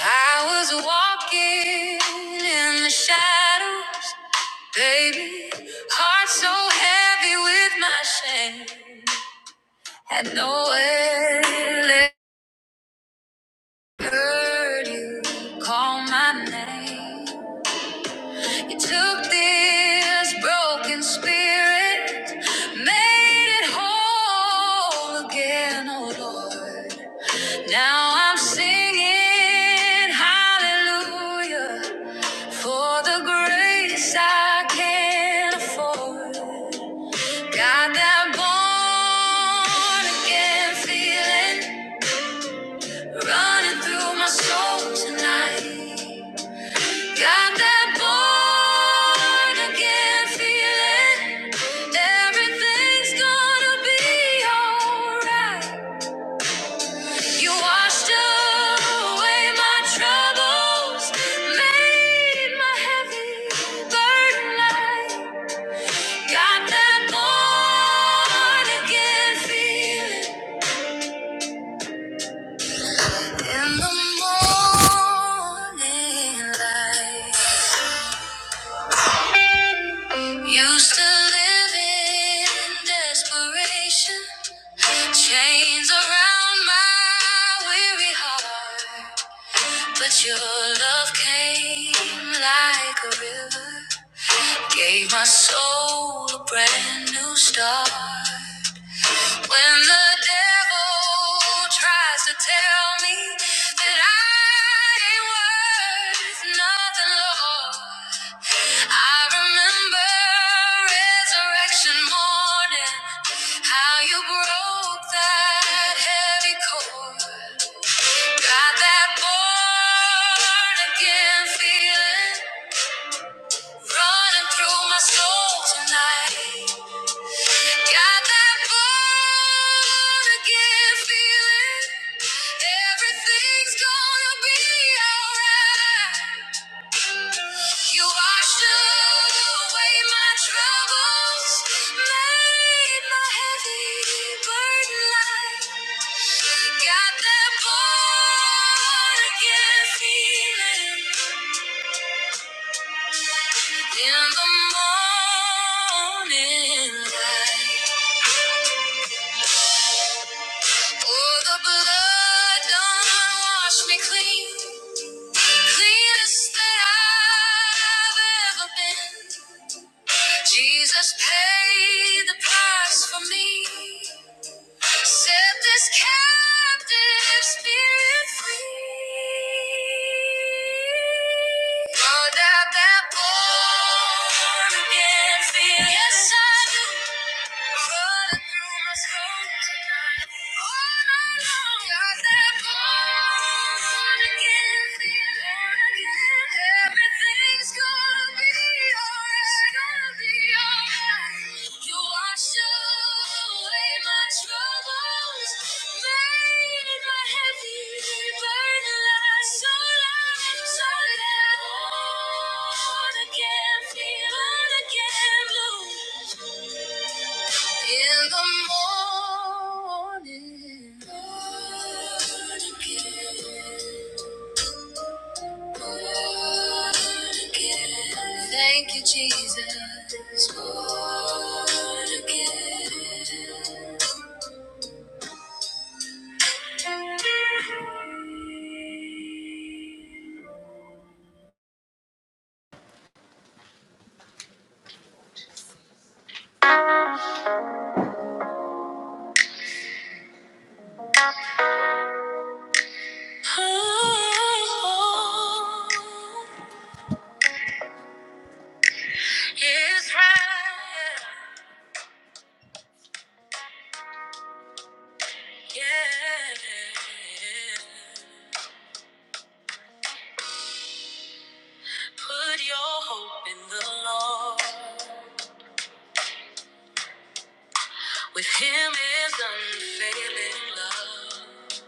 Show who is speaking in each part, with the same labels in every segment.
Speaker 1: I was walking in the shadows, baby. Heart so heavy with my shame. Had nowhere left. Heard you call my name. You took this broken spirit, made it whole again, oh Lord. Now I'm singing hallelujah. For the grace I can't afford, got that born again feeling running through my soul tonight. Got that born again feeling, everything's gonna be alright. You washed away my troubles, made my heavy burden light. Got that born again feeling in the morning light. Used to live in desperation, chains around my weary heart. But your love came like a river, gave my soul a brand new start. When the devil tries to tell me that I ain't worth nothing, Lord, I remember resurrection morning, how you broke that heavy cord, got that born again feeling running through my soul tonight. Got that born again feeling. Everything's gonna be alright. You washed away my troubles, made my heavy burden light. Got that born again feeling in the morning light. Oh, the blood done washed me clean. Cleanest that I've ever been. Jesus paid the price for me. Set this captive spirit free. Brought out that born again feeling. Yes, I do. Again, feeling again blue. In the morning, born again, born again. Thank you, Jesus. Born again. Oh, Israel, yeah. Put your hope in the Lord. With him is unfailing love.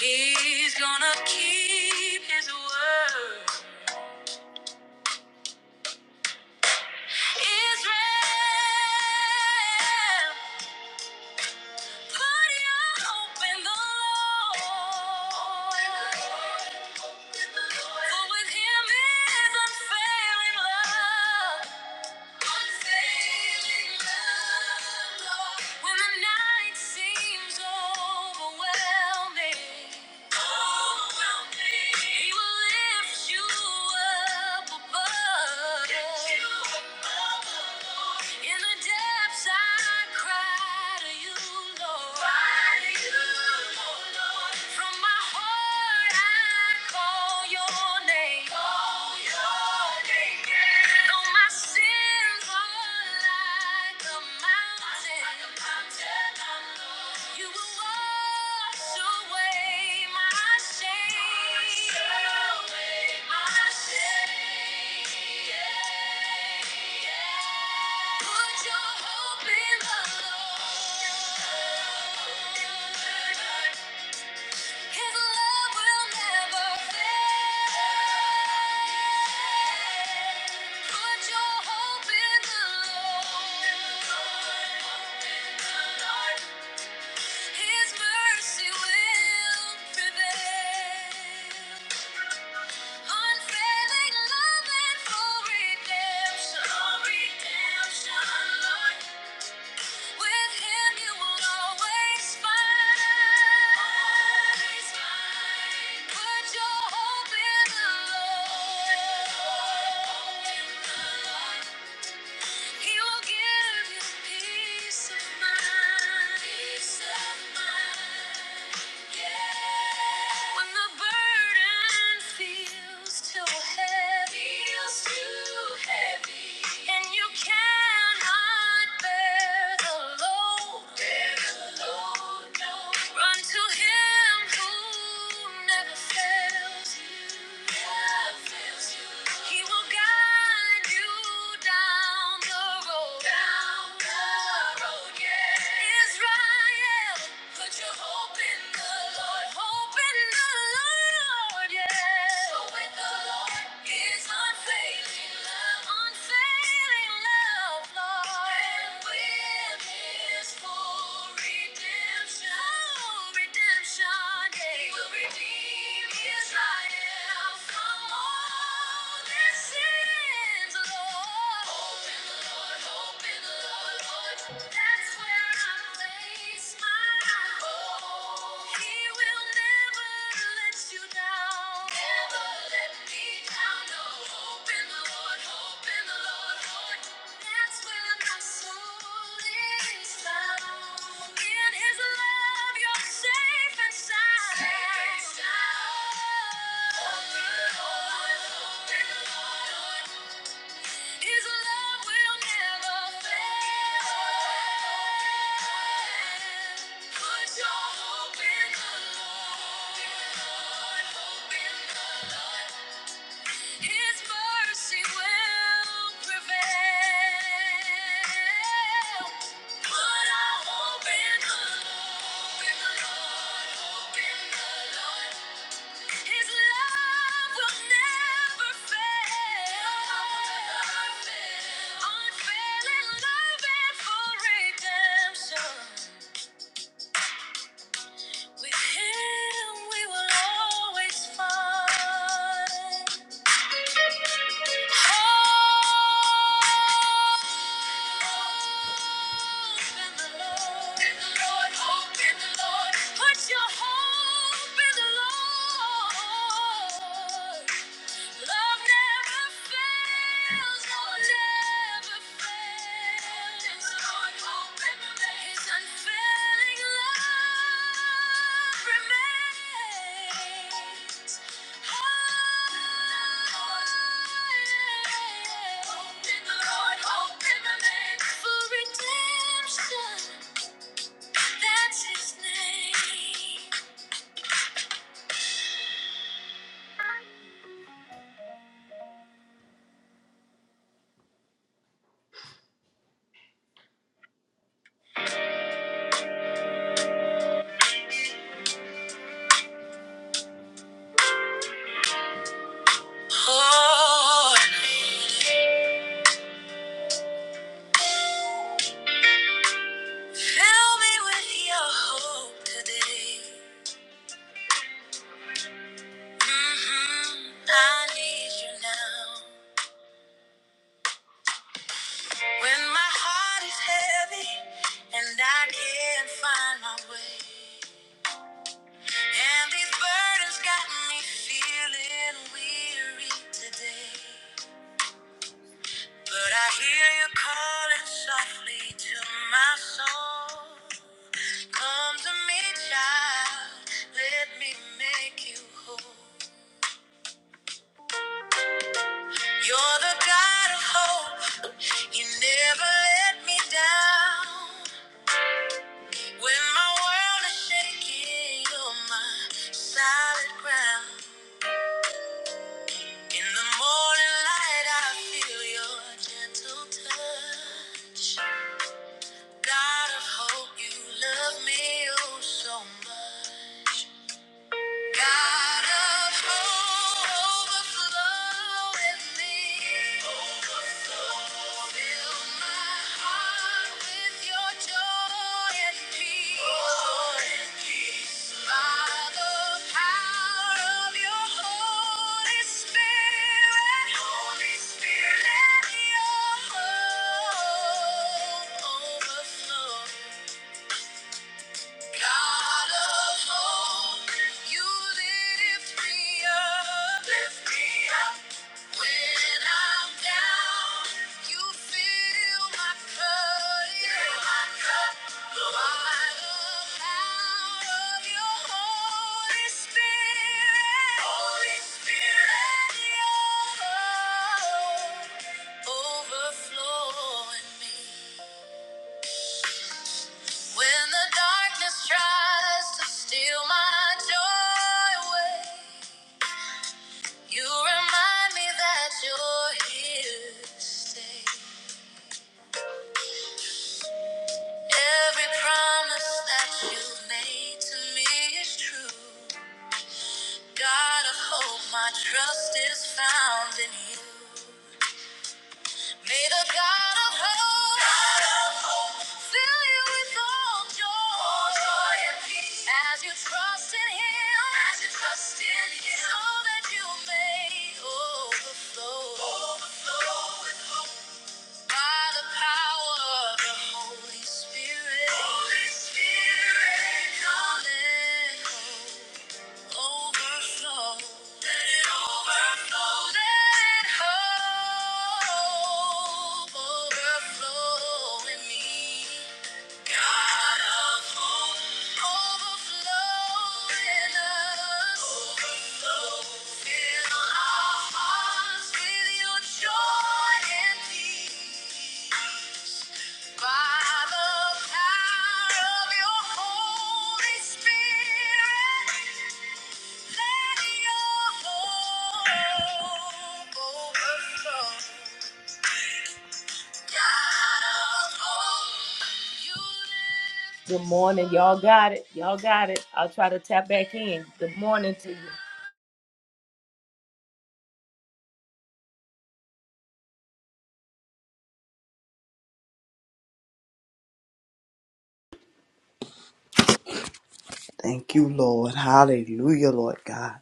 Speaker 1: He's gonna keep his word. Israel, put your hope in the Lord. For with him is unfailing love. He will lift you up above. In the depths I cry to you, Lord. Cry to you, oh Lord. From my heart I call your name. Call your name. Though my sins are like a mountain. Like a mountain. You will wash away my shame. Wash away my shame. Put your hope in the Lord. His love will never fail. Put your hope in the Lord. His mercy will prevail. Unfailing love and full redemption. With Him you will always find. Always find. Put your hope in the Lord. He will give you Peace of mind. When the burden feels too heavy, and you cannot bear bear the load, no. Run to Him who never fails you, He will guide you down the road, yeah. Israel, put your hope in the Lord. Hope in the Lord, yeah. Hope with the Lord is unfailing love. Unfailing love, Lord. And with his full redemption. Full redemption, yeah. He will redeem Israel from all their sins, Lord. Hope in the Lord, hope Lord, hope. Safe and sound. His love will never fail. Put your hope in the Lord. His mercy will prevail. Put our Lord. Hope in the Lord. His love will never fail. Unfailing love and full redemption. With Him we will always find hope in the Lord. Put your hope in the Lord. Love never fails, love never fails. There's one hope in unfailing love remains. in the Lord, hope in for redemption. That's His name. Lord, fill me with Your hope today. Mhm. I need you now. When my heart is heavy and I can't find my way. And these burdens got me feeling weary today. But I hear you calling softly to my soul. Come to me, child. Let me make you whole. You're the God of hope. You never let me down. When my world is shaking, you're my solid ground. In the morning light, I feel your gentle touch. God of hope, you love me oh so much. God of hope, overflow in me. Overflow. Fill my heart with your joy and peace. Joy and peace. By the power of your Holy Spirit. Holy Spirit. Let your hope overflow. God of hope, you lift me up. Lift me up. When I'm down, you fill my cup. Fill my cup. By the power of your Holy Spirit. Holy Spirit. Let overflow in me. When the darkness tries to steal my joy away, you remind me that you're here to stay. Every promise that you made to me is true. God of hope, my trust is found in you. May the God of hope God of hope, fill you with all joy, all joy and peace as you trust in Him, as you trust in Him, so that you may overflow, overflow with hope by the power of the Holy Spirit. Holy Spirit, come and Overflow. Let it overflow. Let hope overflow in me. God of hope, overflow in us. Overflow. Fill our hearts with your joy and peace. Good morning, y'all got it. Y'all got it. I'll try to tap back in. Good morning to you.
Speaker 2: Thank you, Lord. Hallelujah, Lord God.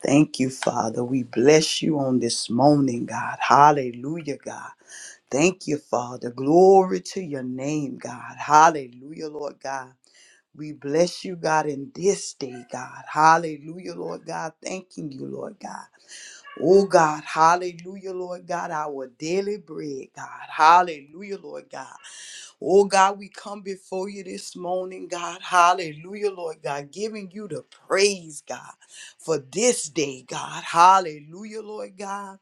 Speaker 2: Thank you, Father. We bless you on this morning, God. Hallelujah, God. Thank you, Father. Glory to your name, God. Hallelujah, Lord God. We bless you, God, in this day, God. Hallelujah, Lord God. Thanking you, Lord God. Oh, God. Hallelujah, Lord God. Our daily bread, God. Hallelujah, Lord God. Oh God, we come before you this morning, God. Hallelujah, Lord God, giving you the praise, God, for this day, God. Hallelujah, Lord God.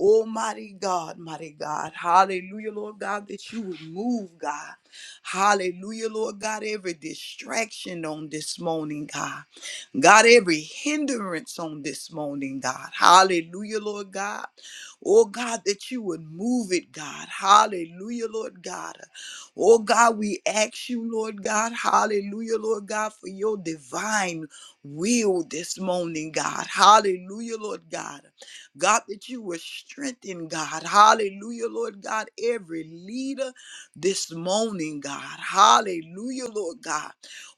Speaker 2: Oh, mighty God, mighty God. Hallelujah, Lord God, that you would move, God. Hallelujah, Lord God, every distraction on this morning, God. God, every hindrance on this morning, God. Hallelujah, Lord God. Oh, God, that you would move it, God. Hallelujah, Lord God. Oh, God, we ask you, Lord God. Hallelujah, Lord God, for your divine will this morning, God. Hallelujah, Lord God. God, that you will strengthen, God. Hallelujah, Lord God, every leader this morning, God. Hallelujah, Lord God.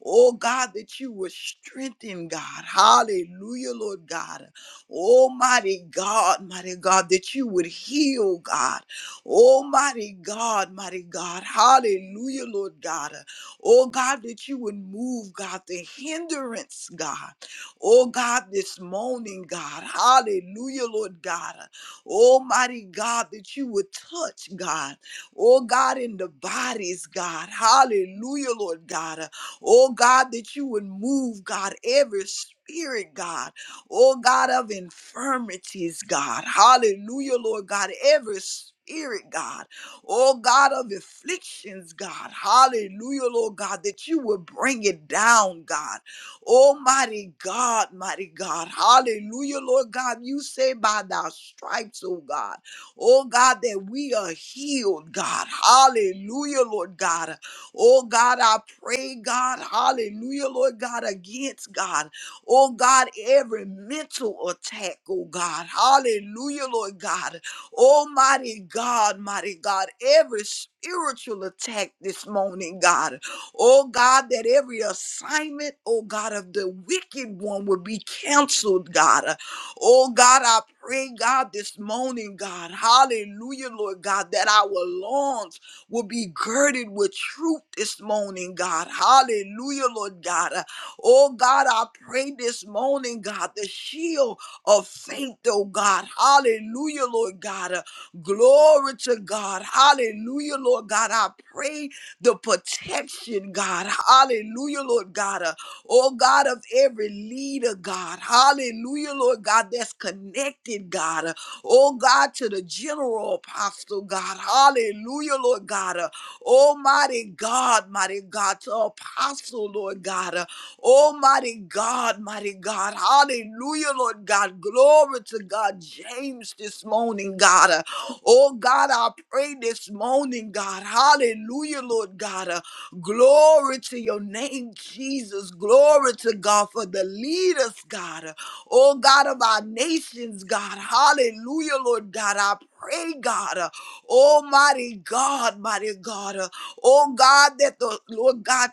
Speaker 2: Oh, God, that you will strengthen, God. Hallelujah, Lord God. Almighty God, mighty God, that you would heal, God. Almighty God, mighty God. Hallelujah, Lord God. Oh, God, that you would move, God, the hindrance, God. Oh God, this morning, God. Hallelujah, Lord God. Almighty God, that you would touch, God. Oh God, in the bodies, God. Hallelujah, Lord God. Oh God, that you would move, God, every spirit, God. Oh God of infirmities, God. Hallelujah, Lord God. Every spirit, God. Oh God of afflictions, God. Hallelujah, Lord God, that you would bring it down, God. Oh, mighty God, mighty God. Hallelujah, Lord God. You say by thy stripes, oh God. Oh God, that we are healed, God. Hallelujah, Lord God. Oh God, I pray, God. Hallelujah, Lord God, against God. Oh God, every mental attack, oh God. Hallelujah, Lord God. Almighty God, mighty God, every spiritual attack this morning, God. Oh God, that every assignment, oh God, of the wicked one would be canceled, God. Uh, Oh God, I pray, God, this morning, God, hallelujah, Lord God, that our lawns will be girded with truth this morning, God. Hallelujah, Lord God. Uh, Oh God, I pray this morning, God, the shield of faith, oh God. Hallelujah, Lord God. Uh, Glory to God. Hallelujah, Lord God. I pray the protection, God. Hallelujah, Lord God. Uh, oh, God, of every leader, God. Hallelujah, Lord God, that's connected, God. Uh, oh, God, to the general apostle, God. Hallelujah, Lord God. Uh, Almighty God, mighty God, to apostle, Lord God. Uh, Oh, mighty God, mighty God. Hallelujah, Lord God. Glory to God. James this morning, God. Uh, Oh, God, I pray this morning, God. Hallelujah, Lord God. Uh, Glory to your name, Jesus. Glory to God for the leaders, God. Uh, Oh, God of our nations, God. Hallelujah, Lord God. I pray, God. uh, Almighty God, mighty God. Oh God, that the Lord God,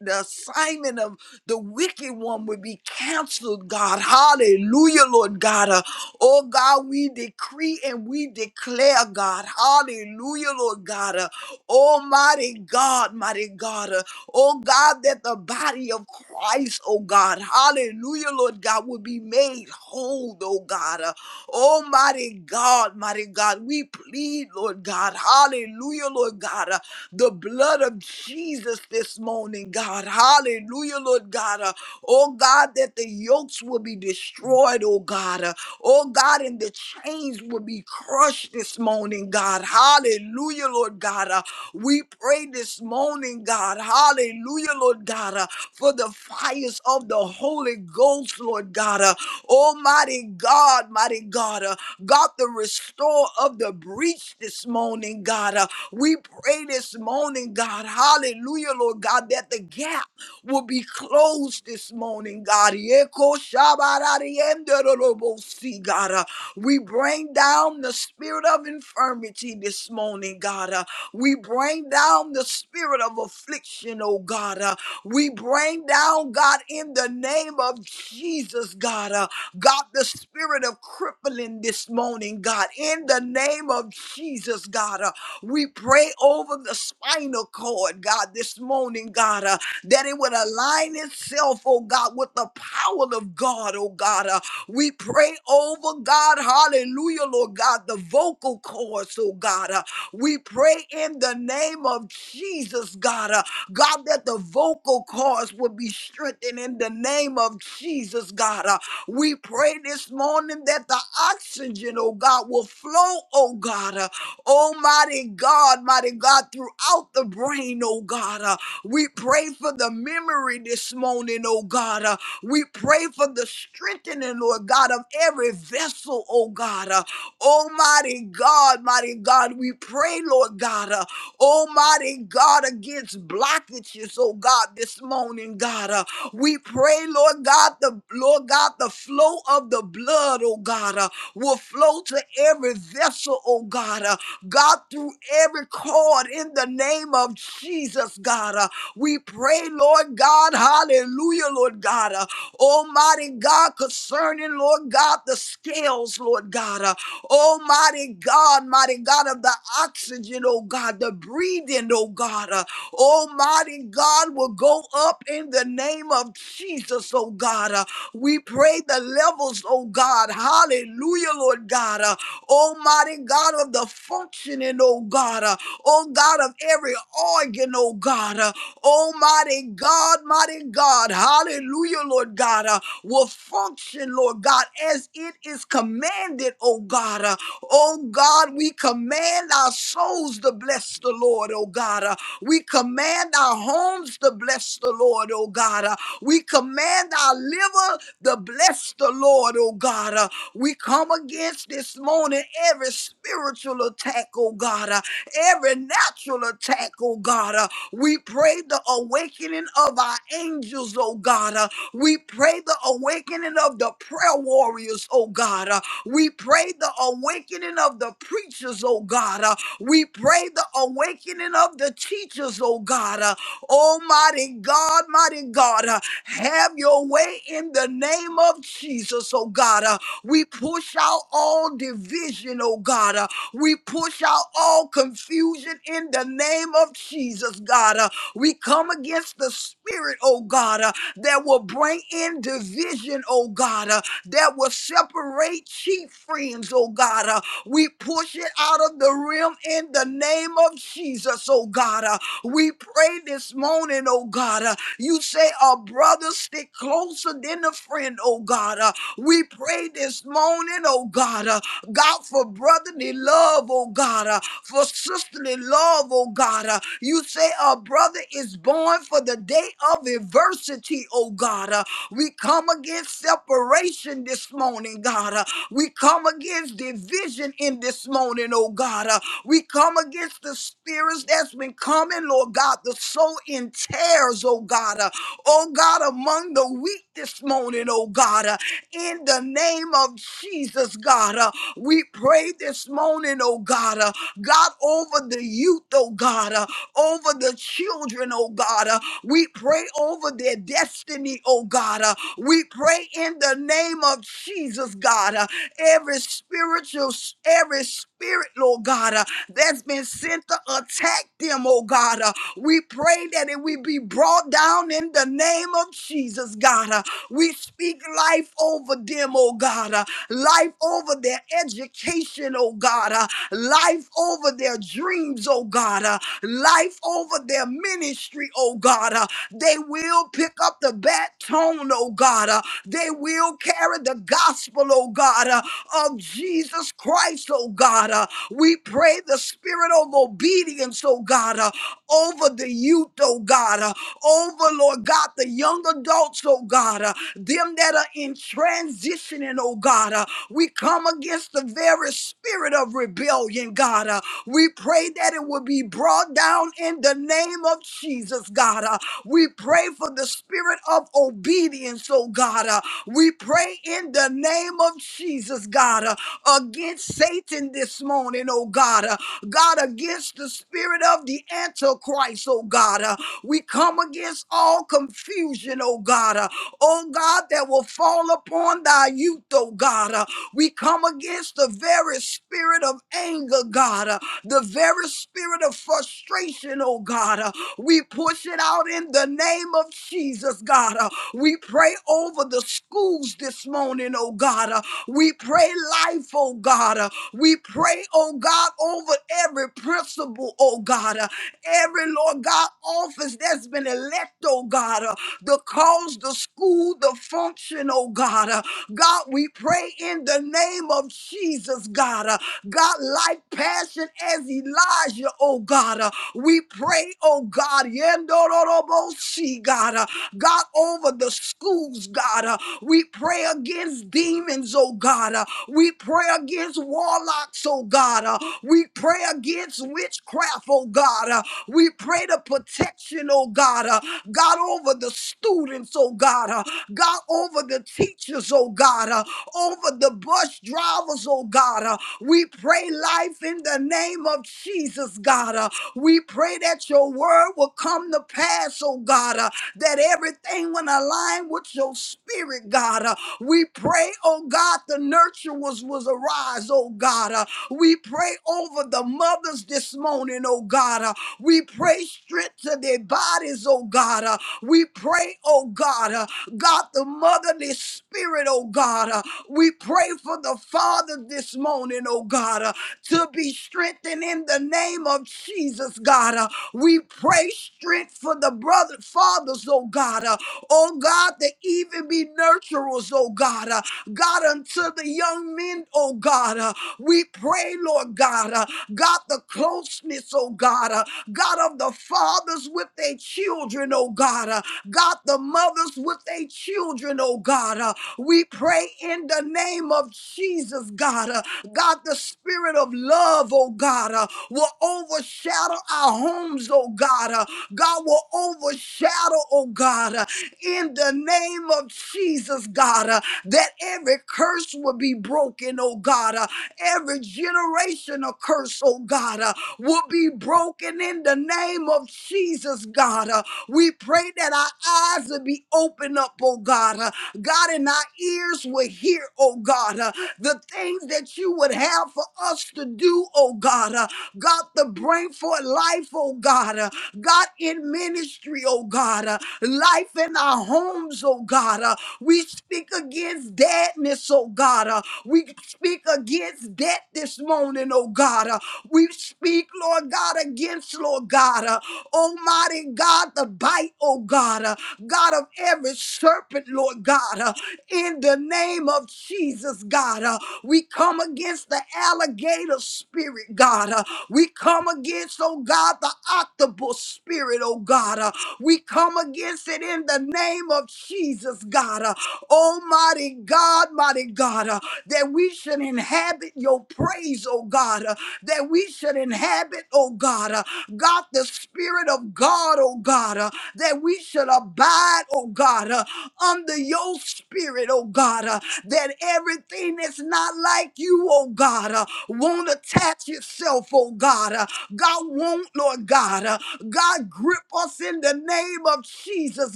Speaker 2: the assignment of the wicked one would be canceled, God. Hallelujah, Lord God. Uh, oh God, we decree and we declare, God. Hallelujah, Lord God. Uh, Almighty God, mighty God. Uh, oh God, that the body of Christ, oh God. Hallelujah, Lord God, would be made whole, oh God. Uh, Oh, mighty God, mighty God, we plead, Lord God, hallelujah, Lord God, uh, the blood of Jesus this morning, God, hallelujah, Lord God, uh, oh God, that the yokes will be destroyed, oh God, uh, oh God, and the chains will be crushed touch this morning, God. Hallelujah, Lord God. Uh, we pray this morning, God. Hallelujah, Lord God, uh, for the fires of the Holy Ghost, Lord God. Uh, Almighty God, mighty God, uh, God, the restore of the breach this morning, God. Uh, we pray this morning, God. Hallelujah, Lord God, that the gap will be closed this morning, God. Yeko shabarariyenderorobosi, God. Uh, we bring down the spirit of infirmity this morning, God. Uh, we bring down the spirit of affliction, oh God. Uh, we bring down, God, in the name of Jesus, God. Uh, God, the spirit of crippling this morning, God. In the name of Jesus, God. Uh, we pray over the spinal cord, God, this morning, God, uh, that it would align itself, oh God, with the power of God, oh God. uh, we pray over God, hallelujah, Lord God, the vocal cords, oh God. Uh, we pray in the name of Jesus, God, uh, God, that the vocal cords would be strengthened in the name of Jesus, God. Uh, we pray this morning that the oxygen, oh God, will flow, oh God, uh, almighty God, mighty God, throughout the brain, oh God. Uh, we pray for the memory this morning, oh God. Uh, we pray for the strengthening, Lord God, of every vessel, oh God. Uh, Almighty God, mighty God, we pray, Lord God, uh, Almighty God, against blockages, oh God, this morning, God. Uh, we pray, Lord God, the Lord God, the flow of the blood, oh God, uh, will flow to every vessel, oh God. Uh, God, through every cord in the name of Jesus, God. Uh, we pray, Lord God, hallelujah, Lord God. uh, Almighty God, concerning, Lord God, the scales, Lord God. Uh, Almighty God, mighty God of the oxygen, oh God, the breathing, oh God. Uh, Almighty God will go up in the name of Jesus, oh God. Uh, we pray the levels, oh God. Hallelujah, Lord God. Uh, Almighty God of the functioning, oh God. Uh, oh God of every organ, oh God. Uh, oh mighty God, mighty God, hallelujah, Lord God, uh, will function, Lord God, as it is commanded, oh God. Uh, oh God, we command our souls to bless the Lord, oh God. Uh, we command our homes to bless the Lord, oh God. Uh, we command our liver to bless the Lord, oh God. Uh, we come against this morning every spiritual attack, oh God. Uh, every natural attack, oh God. uh, we pray the awakening of our angels, oh God. Uh, we pray the awakening of the prayer warriors, oh God. Uh, we pray the awakening of the preachers, oh God. Uh, we pray the awakening of the teachers, oh God. Uh, Almighty God, mighty God, uh, have your way in the name of Jesus, oh God. Uh, we push out all division, oh God. Uh, we push out all confusion in the name of Jesus, God. Uh, we come against the spirit, oh God, uh, that will bring in division, oh God, uh, that will separate chief friends, oh God. Uh, we push it out of the realm in the name of Jesus, oh God. Uh, we pray this morning, oh God. uh, you say a brother stick closer than a friend, oh God. Uh, we pray this morning, oh God. uh, God, for brotherly love, oh God, uh, for sisterly love, oh God. uh, you say a brother is born for the day of adversity, oh God. uh, we come against separation this morning, God. uh, we come against division in this morning, oh God. uh, we come against the spirits that's been coming, Lord God, the soul in tears, oh God. uh, oh God, among the weak this morning, oh God. uh, in the name of Jesus, God. Uh, we pray this morning, oh God, uh, God, over the youth, oh God, uh, over the children, oh God. uh, we pray over their destiny, oh God. uh, we pray in the name of Jesus, God. uh, every spiritual, every spirit, Lord God, uh, that's been sent to attack them, oh God. uh, we pray that it will be brought down in the name of Jesus, God. uh, we speak life over them, oh God. uh, life over their education, oh God, uh, life over their dreams, oh God, uh, life over their ministry, oh God. uh, they will pick up the baton, oh God. uh, they will carry the gospel, oh God, uh, of Jesus Christ, oh God. uh, we pray the spirit of obedience, oh God, uh, over the youth, oh God, uh, over, Lord God, the young adults, oh God. uh, them that are in transitioning, oh God. Uh, we come against the very spirit of rebellion, God. Uh, we pray that it will be brought down in the name of Jesus, God. Uh, we pray for the spirit of obedience, oh God. Uh, we pray in the name of Jesus, God, uh, against Satan this morning, oh God. Uh, God, against the spirit of the Antichrist, oh God. Uh, we come against all confusion, oh God. Uh, oh God, that will fall upon thy youth, oh God. Uh, We come against the very spirit of anger, God, uh, the very spirit of frustration, oh God. Uh, We push it out in the name of Jesus, God. Uh, We pray over the schools this morning, oh God. Uh, We pray life, oh God. Uh, We pray, oh God, over every principal, oh God. Uh, Every, Lord God, office that's been elected, oh God. Uh, the cause, the school, the function, oh God. Uh, God, we pray in the name of Jesus, God. Uh, God, like passion as Elijah, oh God. Uh, we pray, oh God, Yendororobosi, God, uh, God, over the schools, God. uh, we pray against demons, oh God. uh, we pray against warlocks, oh God. uh, we pray against witchcraft, oh God. uh, we pray the protection, oh God. uh, God, over the students, oh God, uh, God, over the teachers, oh God, uh, over the bus drivers, oh God. uh, we pray life in the name of Jesus, God. uh, we pray that your word will come to pass, oh God, uh, that everything will align with your spirit, God. uh, we pray, oh God, the nurturers will arise, oh God. uh, we pray over the mothers this morning, oh God. uh, we pray strength to their bodies, oh God. Uh, we pray, oh God, uh, God, the motherly spirit, oh God. Uh, we pray for the Father this morning, oh God, uh, to be strengthened in the name of Jesus, God. Uh, we pray strength for the brother fathers, oh God. Uh, oh God, that even be nurturers, oh God. Uh, God, unto the young men, oh God. Uh, we pray, Lord God. uh, God, the closeness, oh God, uh, God of the fathers with their children, oh God, uh, God, the mothers with their children, oh God. uh, we pray in the name of Jesus, God, uh, God, the spirit of love, oh God, uh, will overshadow our homes, oh God. uh, God will overshadow, oh God, uh, in the name of Jesus, God, uh, that every curse will be broken, oh God. uh, Every generational curse, oh God, uh, will be broken in the name of Jesus, God. Uh, we pray that our eyes will be opened up, oh God. Uh, God, and our ears will hear, oh God, uh, the things that you would have for us to do, oh God. Uh, God, the brain for life, oh God. Uh, God, in ministry, oh God. Uh, life in our homes, oh God. Uh, we speak against deadness, sickness, oh God. Uh, we speak against death this morning, oh God. Uh, we speak, Lord God, against, Lord God, uh, Almighty God, the bite, oh God, uh, God of every serpent, Lord God, uh, in the name of Jesus, God. uh, we come against the alligator spirit, God. uh, we come against, oh God, the octopus spirit, oh God. uh, we come against it in the name of Jesus. Jesus, God. Uh, Almighty God, mighty God, uh, that we should inhabit your praise, oh God, uh, that we should inhabit, oh God, uh, God, the Spirit of God, oh God, uh, that we should abide, oh God, uh, under your Spirit, oh God, uh, that everything that's not like you, oh God, uh, won't attach itself, oh God, uh, God won't, Lord God, uh, God grip us in the name name of Jesus,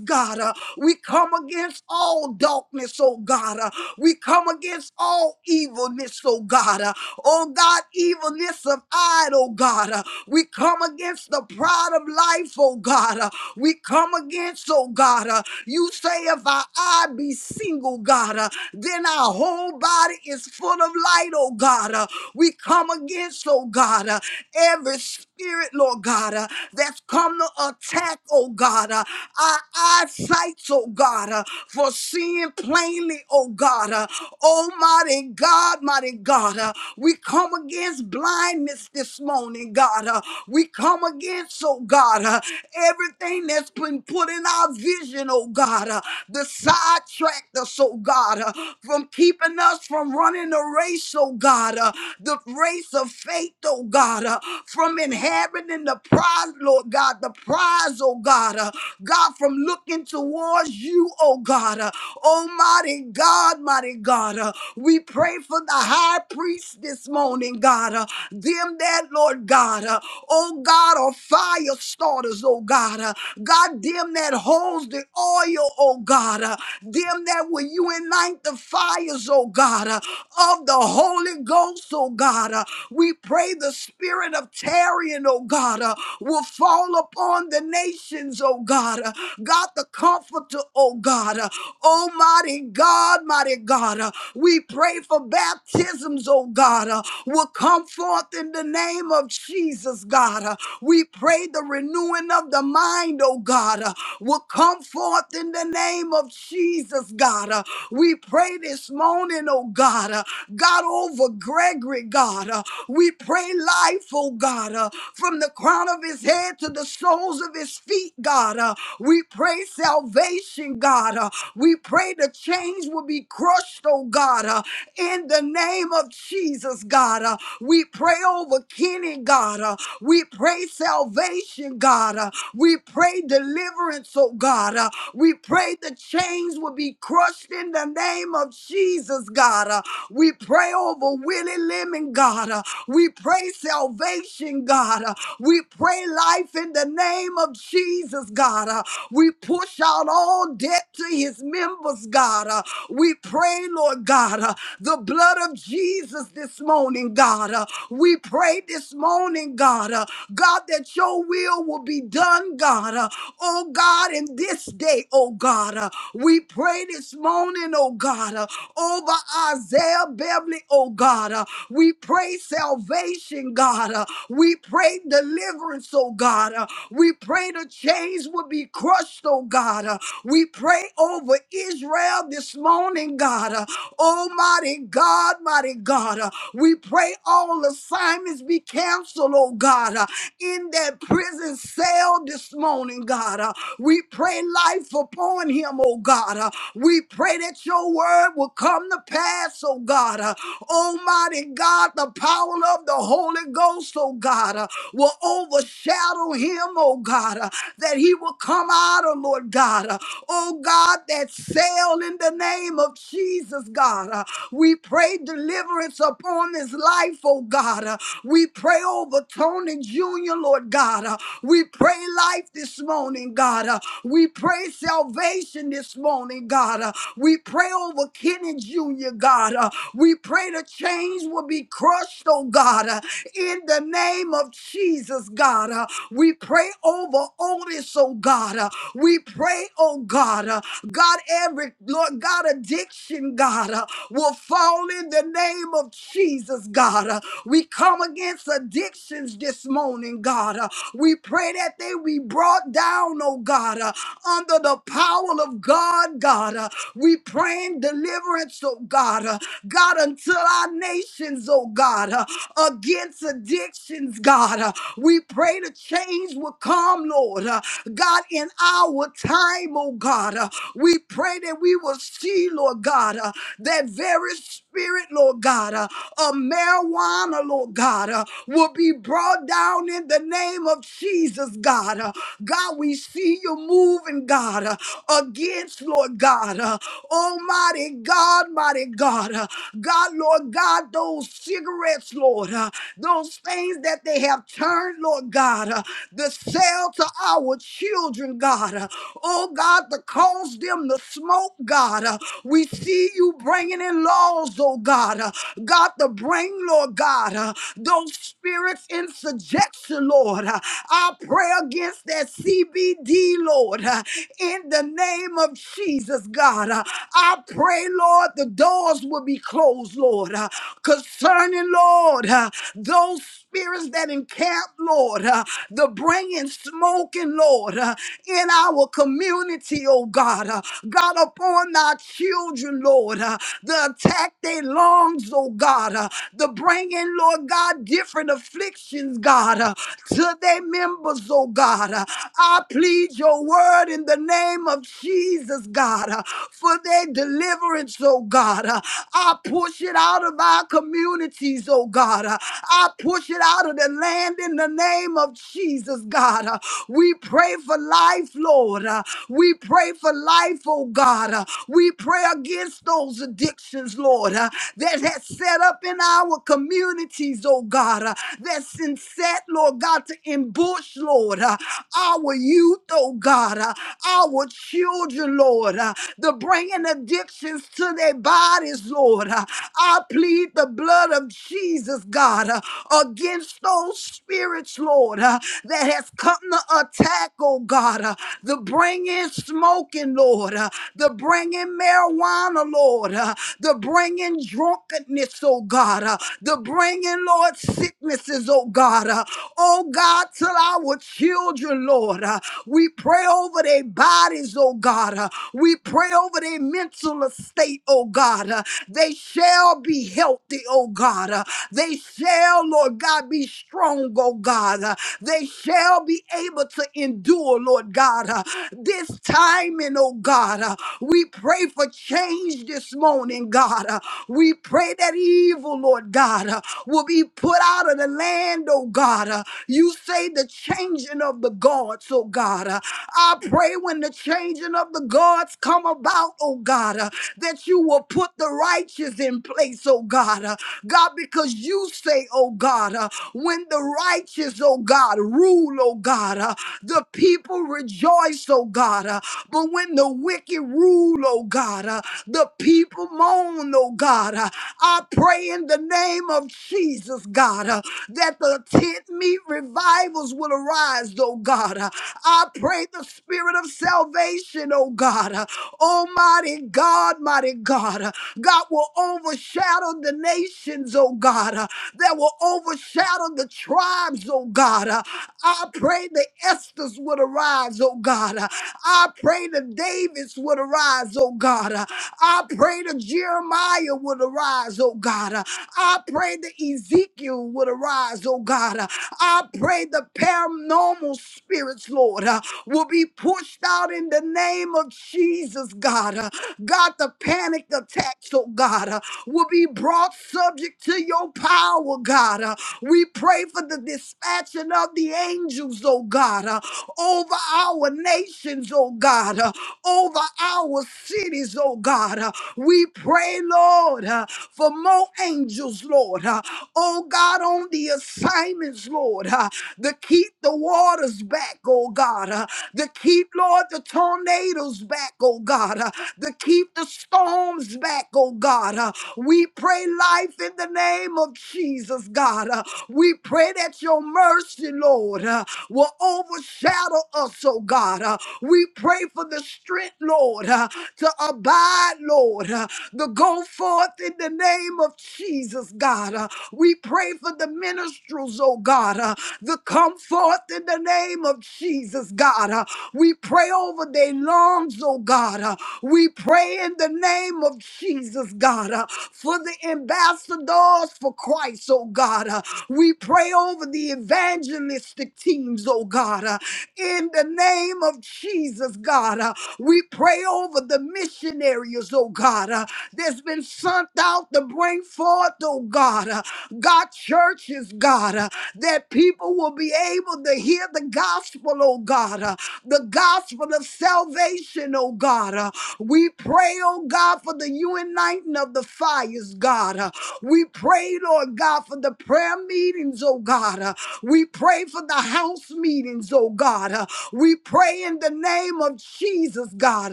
Speaker 2: God, uh, we come against all darkness, oh God. uh, we come against all evilness, oh God. uh, oh God, evilness of eye, oh God. uh, we come against the pride of life, oh God. uh, we come against, oh God. uh, you say, if our eye be single, God, uh, then our whole body is full of light, oh God. uh, we come against, oh God, uh, every spirit, Lord God, uh, that's come to attack, oh God, uh, our eyesight, oh God, uh, for seeing plainly, oh God, uh, almighty God, mighty God, uh, we come against blindness this morning, God, uh, we come against, oh God, uh, everything that's been put in our vision, oh God, uh, the sidetracked us, oh God, uh, from keeping us from running the race, oh God, uh, the race release of faith, oh God, uh, from inheriting the prize, Lord God, the prize, oh God, uh, God, from looking towards you, oh God, uh, almighty God, mighty God, uh, we pray for the high priest this morning, God, uh, them that, Lord God, uh, oh God, are fire starters, oh God, uh, God, them that holds the oil, oh God, uh, them that will you ignite the fires, oh God, uh, of the Holy Ghost, oh God. Uh, we pray the spirit of tarrying, oh God, uh, will fall upon the nations, oh God. Uh, God, the comforter, oh God. Uh, Almighty God, mighty God. Uh, we pray for baptisms, oh God, uh, will come forth in the name of Jesus, God. Uh, we pray the renewing of the mind, oh God, uh, will come forth in the name of Jesus, God. Uh, we pray this morning, oh God, uh, God over Gregory, God. Uh, we pray life, oh God, uh, from the crown of his head to the soles of his feet, God. Uh, we pray salvation, God. Uh, we pray the chains will be crushed, oh God, uh, in the name of Jesus, God. Uh, we pray over Kenny, God. Uh, we pray salvation, God. Uh, we pray deliverance, oh God. Uh, we we pray the chains will be crushed in the name of Jesus, God. Uh, we pray over Willie Lemon, God. Uh, we pray salvation, God. Uh, we pray life in the name of Jesus, God. Uh, we push out all debt to his members, God. Uh, we pray, Lord God, uh, the blood of Jesus this morning, God. Uh, we pray this morning, God, uh, God, that your will will be done, God. God. Uh, Oh God, in this day, oh God, uh, we pray this morning, oh God, uh, over Isaiah Beverly, oh God. uh, We pray salvation, God. uh, We pray deliverance, oh God. uh, We pray the chains will be crushed, oh God. uh, We pray over Israel this morning, God. uh, Almighty God, mighty God. uh, We pray all assignments be canceled, oh God. uh, in that prison cell this morning, God. Uh, we pray life upon him, oh God. Uh, we pray that your word will come to pass, oh God. Uh, Almighty God, the power of the Holy Ghost, oh God, uh, will overshadow him, oh God, uh, that he will come out, oh Lord God. Uh, oh God, that cell in the name of Jesus, God. Uh, we pray deliverance upon this life, oh God. Uh, We pray over Tony Jr., Lord God. Uh, We pray life this morning, God. Uh, We pray salvation this morning, God. Uh, We pray over Kenny Jr., God. Uh, We pray the chains will be crushed, oh God, Uh, in the name of Jesus, God. Uh, We pray over Otis, oh God. Uh, We pray, oh God. Uh, God, every, Lord God, addiction, God, uh, will fall in the name of Jesus, God. Uh, we come against addictions this morning, God. Uh, we pray that they be brought down, oh God, uh, under the power of God, God. Uh, we praying deliverance, oh God. Uh, God, until our nations, oh God, uh, against addictions, God. Uh, we pray the change will come, Lord. Uh, God, in our time, oh God. Uh, we pray that we will see, Lord God, uh, that very spirit, Lord God, uh, of marijuana, Lord God, uh, will be brought down in the name of Jesus, God. Uh, God, we see you moving, God, uh, against, Lord God, uh, Almighty God, mighty God, uh, God, Lord God, those cigarettes, Lord, uh, those things that they have turned, Lord God. uh, the sale to our children, God. Uh, Oh, God, to cause them to smoke, God. Uh, We see you bringing in laws, oh, God. Uh, God, to bring, Lord God, uh, those spirits in subjection, Lord. Uh, I pray against that CBD, Lord in the name of Jesus, God. Uh, I pray, Lord, the doors will be closed, Lord, uh, concerning, Lord, uh, those spirits that encamp, Lord, uh, the bringing smoking, Lord, uh, in our community, oh God. uh, God, upon our children, Lord, uh, the attack they lungs, oh oh God, uh, the bringing, Lord God, different afflictions, God, uh, to their members, oh God. Uh, I plead your word in the name of Jesus, God, uh, for their deliverance, oh God. Uh, I push it out of our communities, oh God. Uh, I push it out of the land in the name of Jesus, God. Uh, we pray for life, Lord. Uh, we pray for life, oh God. Uh, we pray against those addictions, Lord, uh, that has set up in our communities, oh God. Uh, that's been set, Lord God, to ambush, Lord, uh, our youth, oh God, uh, our children, Lord, uh, the bringing addictions to their bodies, Lord. I plead the blood of Jesus, God, uh, against those spirits, Lord, uh, that has come to attack, oh God, uh, the bring in smoking, Lord, uh, the bring in marijuana, Lord, uh, the bring in drunkenness, oh God, uh, the bring in, Lord, sicknesses, oh God, uh, oh God, till our children, Lord, uh, we pray over their bodies, oh God, uh, we pray over their mental estate, healthy, oh God. Uh, They shall be healthy, oh God. Uh, They shall, Lord God, be strong, oh God. Uh, They shall be able to endure, Lord God. Uh, This time, and oh God, uh, we pray for change this morning, God. Uh, We pray that evil, Lord God, uh, will be put out of the land, oh God. Uh, You say the changing of the guards, oh God. Uh, I pray when the changing of the guards come about about, oh God, uh, that you will put the righteous in place, oh God. uh, God, because you say, oh God, uh, when the righteous, oh God, rule, oh God, uh, the people rejoice, oh God. uh, but when the wicked rule, oh God, uh, the people moan, oh God. uh, I pray in the name of Jesus, God, uh, that the tent meet revivals will arise, oh God. uh, I pray the spirit of salvation salvation, oh God. Uh, Almighty God, mighty God. Uh, God will overshadow the nations, oh God. Uh, That will overshadow the tribes, oh God. Uh, I pray the Esther's would arise, oh God. Uh, I pray the Davids would arise, oh God. Uh, I pray the Jeremiah would arise, oh God. Uh, I pray the Ezekiel would arise, oh God. Uh, I pray the paranormal spirits, Lord will be pushed out in the name of Jesus, God. Uh, God, the panic attacks, oh God, uh, will be brought subject to your power, God. Uh, we pray for the dispatching of the angels, oh God, uh, over our nations, oh God, uh, over our cities, oh God. Uh, we pray, Lord, uh, for more angels, Lord. Uh, oh God, on the assignments, Lord, uh, to keep the waters back, oh God, uh, to keep, Lord, the tornadoes back, oh God, uh, to keep the storms back, oh God. uh, we pray life in the name of Jesus, God. uh, we pray that your mercy, Lord, uh, will overshadow us, oh God. uh, we pray for the strength, Lord, uh, to abide, Lord. uh, to go forth in the name of Jesus, God. Uh, we pray for the ministers, oh God, uh, to come forth in the name of Jesus, God. Uh, we pray over their lungs, oh God. Uh, we pray in the name of Jesus, God, uh, for the ambassadors for Christ, oh God. Uh, we pray over the evangelistic teams, oh God. Uh, in the name of Jesus, God. Uh, we pray over the missionaries, oh God, uh, that's been sent out to bring forth, oh God, uh, God churches, God, uh, that people will be able to hear the gospel, oh God, uh, the gospel of salvation, oh God. Uh, we pray, oh God, for the uniting of the fires, God. Uh, we pray, Lord God, for the prayer meetings, oh God. Uh, we pray for the house meetings, oh oh God. Uh, We pray in the name of Jesus, God,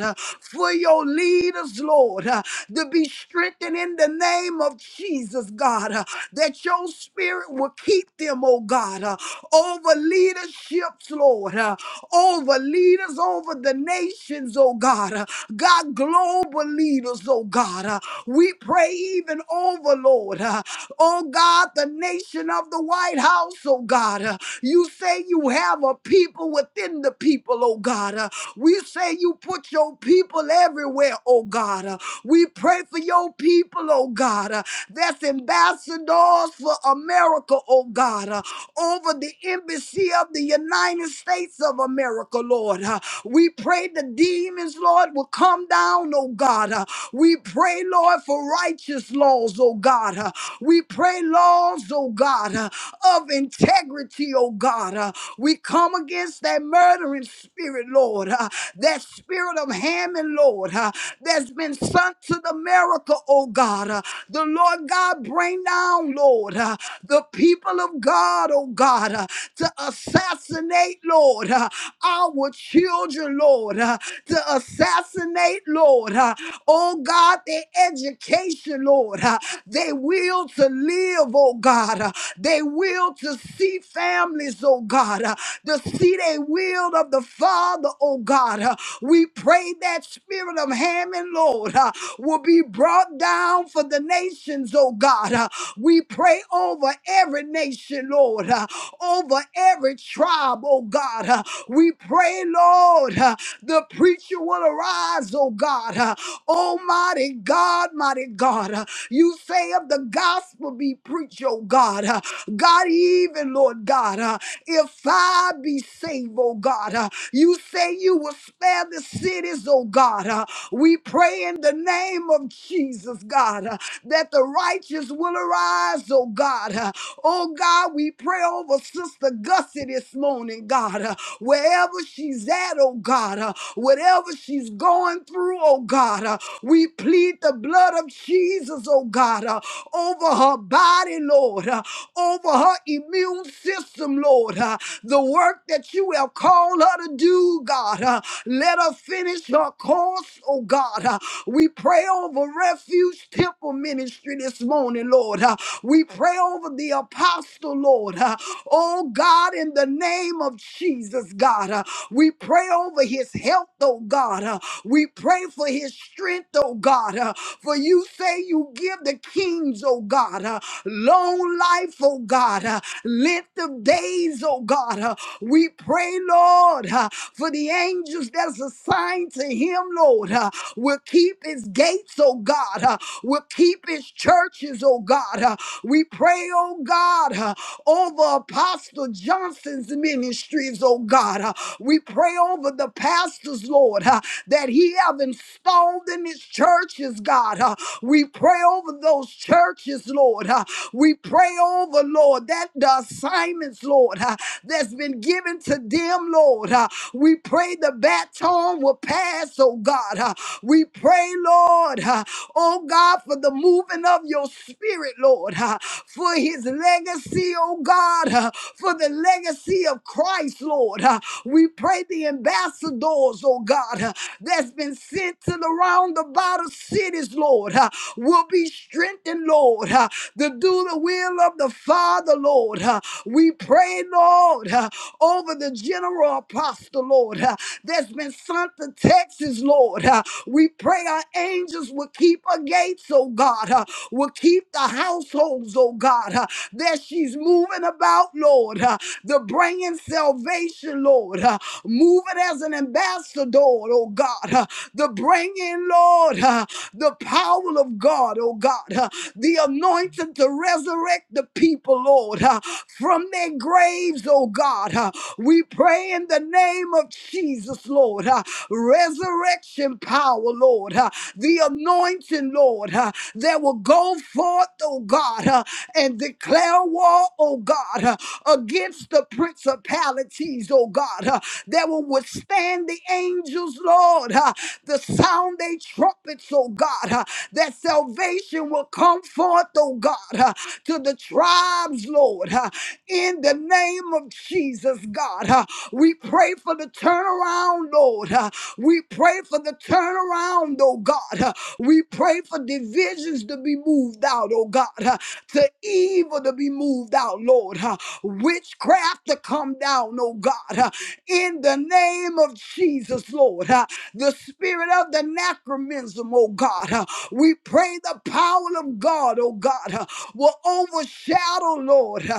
Speaker 2: uh, for your leaders, Lord, uh, to be strengthened in the name of Jesus, God, uh, that your spirit will keep them, oh God, uh, over leaderships, Lord, uh, over leaders, over the nations, oh God, uh, God, global leaders, oh God. uh, We pray even over, Lord, uh, oh God, the nation of the White House, oh God. uh, You say you have our people within the people, oh God. Uh, we say you put your people everywhere, oh God. Uh, we pray for your people, oh God. Uh, that's ambassadors for America, oh God. Uh, over the embassy of the United States of America, Lord. Uh, we pray the demons, Lord, will come down, oh God. Uh, we pray, Lord, for righteous laws, oh God. Uh, we pray laws, oh God, uh, of integrity, oh God. Uh, we come against that murdering spirit, Lord, uh, that spirit of Hammond, Lord, uh, that's been sent to the America, oh God. uh, the Lord God, bring down, Lord, uh, the people of God, oh God, uh, to assassinate, Lord, uh, our children, Lord, uh, to assassinate, Lord, uh, oh God, their education, Lord, uh, their will to live, oh God, uh, their will to see families, oh God. God, uh, to see they will of the Father, oh God. Uh, We pray that spirit of Hammond, Lord, uh, will be brought down for the nations, oh God. Uh, We pray over every nation, Lord, uh, over every tribe, oh God. Uh, We pray, Lord, uh, the preacher will arise, oh God. Uh, Almighty God, mighty God, uh, you say of the gospel be preached, oh God. Uh, God, even, Lord God, uh, if I be saved, oh God, uh, you say you will spare the cities, oh God. uh, we pray in the name of Jesus, God, uh, that the righteous will arise, oh God. uh, oh God, we pray over Sister Gussie this morning, God, uh, wherever she's at, oh God, uh, whatever she's going through, oh God, uh, we plead the blood of Jesus, oh God, uh, over her body body, Lord, uh, over her immune system, Lord. uh, the work that you have called her to do, God. uh, let her finish her course, oh God. uh, we pray over Refuge Temple Ministry this morning, Lord. uh, we pray over the apostle, Lord. uh, oh God, in the name of Jesus, God. uh, we pray over his health, oh God. uh, we pray for his strength, oh God. uh, for you say you give the kings, oh God, uh, long life, oh God, uh, length of days, oh God. uh, we pray, Lord, uh, for the angels that's assigned to him, Lord. Uh, will keep his gates, oh God. Uh, will keep his churches, oh God. Uh, we pray, oh God, uh, over Apostle Johnson's ministries, oh God. Uh, we pray over the pastors, Lord. Uh, that He have installed in His churches, God. Uh, we pray over those churches, Lord. Uh, we pray over, Lord, that the assignments, Lord, uh, that's been given to them, Lord. Uh, we pray the baton will pass, oh God. Uh, we pray, Lord, uh, oh God, for the moving of your spirit, Lord, uh, for his legacy, oh God, uh, for the legacy of Christ, Lord. Uh, we pray the ambassadors, oh God, uh, that's been sent to the roundabout of cities, Lord, uh, will be strengthened, Lord, uh, to do the will of the Father, Lord. Uh, We pray, Lord, uh, over the general apostle, Lord, uh, that's been sent to Texas, Lord. uh, we pray our angels will keep her gates, oh God, uh, will keep the households, oh God, uh, that she's moving about, Lord, uh, the bringing salvation, Lord, uh, moving as an ambassador, oh God, uh, the bringing, Lord, uh, the power of God, oh God, uh, the anointing to resurrect the people, Lord, uh, from their graves, oh God. uh, we pray in the name of Jesus, Lord. uh, resurrect resurrection power, Lord, uh, the anointing, Lord, uh, that will go forth, oh God, uh, and declare war, oh God, uh, against the principalities, oh God, uh, that will withstand the angels, Lord, uh, the sound they trumpets, oh God, uh, that salvation will come forth, oh God, uh, to the tribes, Lord, uh, in the name of Jesus, God. uh, we pray for the turnaround, Lord, uh, we pray for the turnaround, oh God. We pray for divisions to be moved out, oh God, to evil to be moved out, Lord. Witchcraft to come down, oh God, in the name of Jesus, Lord. The spirit of the anachronism, oh God. We pray the power of God, oh God, will overshadow, Lord,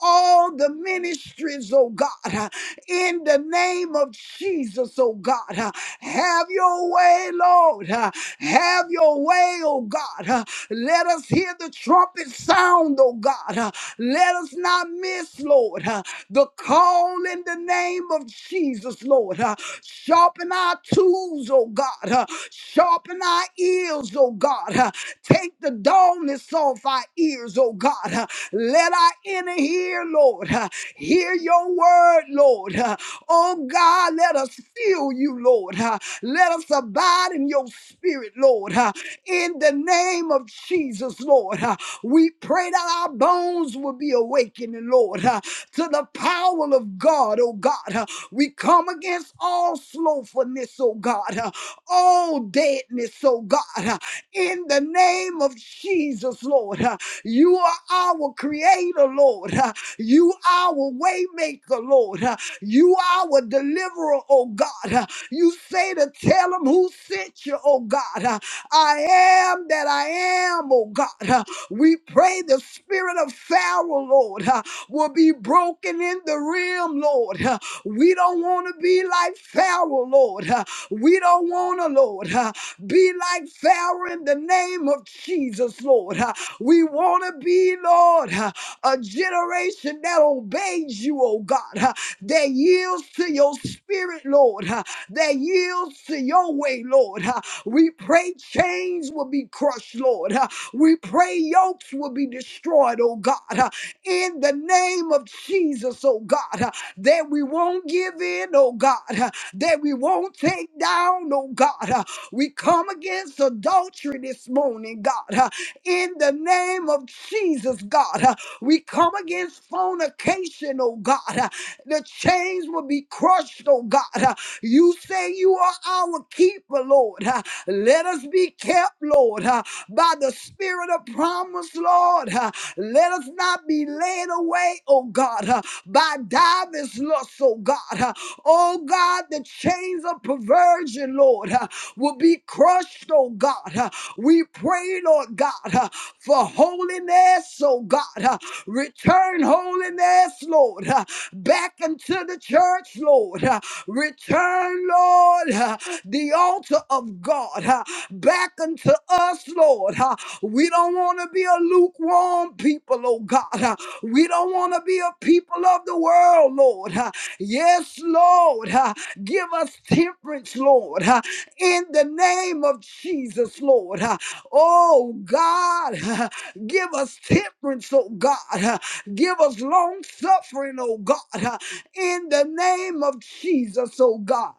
Speaker 2: all the ministries, oh God in the name of Jesus, oh God. Uh, Have your way, Lord. Uh, Have your way, oh God. Uh, Let us hear the trumpet sound, oh God. Uh, Let us not miss, Lord, uh, the call in the name of Jesus, Lord. Uh, Sharpen our tools, oh God. Uh, Sharpen our ears, oh God. Uh, Take the dullness off our ears, oh God. Uh, Let our inner hear, Lord. uh, Hear your word, Lord. Uh, Oh God, let us feel you, Lord. Uh, Let us abide in your spirit, Lord. Uh, In the name of Jesus, Lord. Uh, We pray that our bones will be awakening, Lord, uh, to the power of God, oh God. Uh, We come against all slothfulness, oh God, uh, all deadness, oh God. Uh, In the name of Jesus, Lord. Uh, You are our creator, Lord. You are our waymaker, Lord. Uh, You are our deliverer, oh God. Uh, You say to tell them who sent you, oh God. Uh, I am that I am, oh God. Uh, We pray the spirit of Pharaoh, Lord, uh, will be broken in the realm, Lord. Uh, We don't want to be like Pharaoh, Lord. Uh, We don't want to, Lord, uh, be like Pharaoh in the name of Jesus, Lord. Uh, We want to be, Lord a generation that obeys you, oh God, huh, that yields to your spirit, Lord, huh, that yields to your way, Lord. huh. We pray chains will be crushed, Lord. huh. We pray yokes will be destroyed, oh God, huh, in the name of Jesus, oh God, huh, that we won't give in, oh God, huh, that we won't take down, oh God. huh. We come against adultery this morning, God, huh, in the name of Jesus, God. huh. We come against fornication, oh God. Uh, The chains will be crushed, oh God. Uh, You say you are our keeper, Lord. Uh, Let us be kept, Lord, uh, by the spirit of promise, Lord. Uh, Let us not be led away, oh God by divers lusts, oh God. Uh, Oh God, the chains of perversion, Lord, uh, will be crushed, oh God. Uh, We pray, Lord God, uh, for holiness, oh God. Uh, Return holiness, Lord. Uh, back into the church, Lord. Uh, Return, Lord, uh, the altar of God uh, back unto us, Lord. Uh, We don't want to be a lukewarm people, oh God. Uh, We don't want to be a people of the world, Lord. Uh, Yes, Lord. Uh, Give us temperance, Lord, Uh, in the name of Jesus, Lord. Uh, Oh God, give us temperance, oh God. Give us long suffering, oh God, uh, in the name of Jesus, oh God.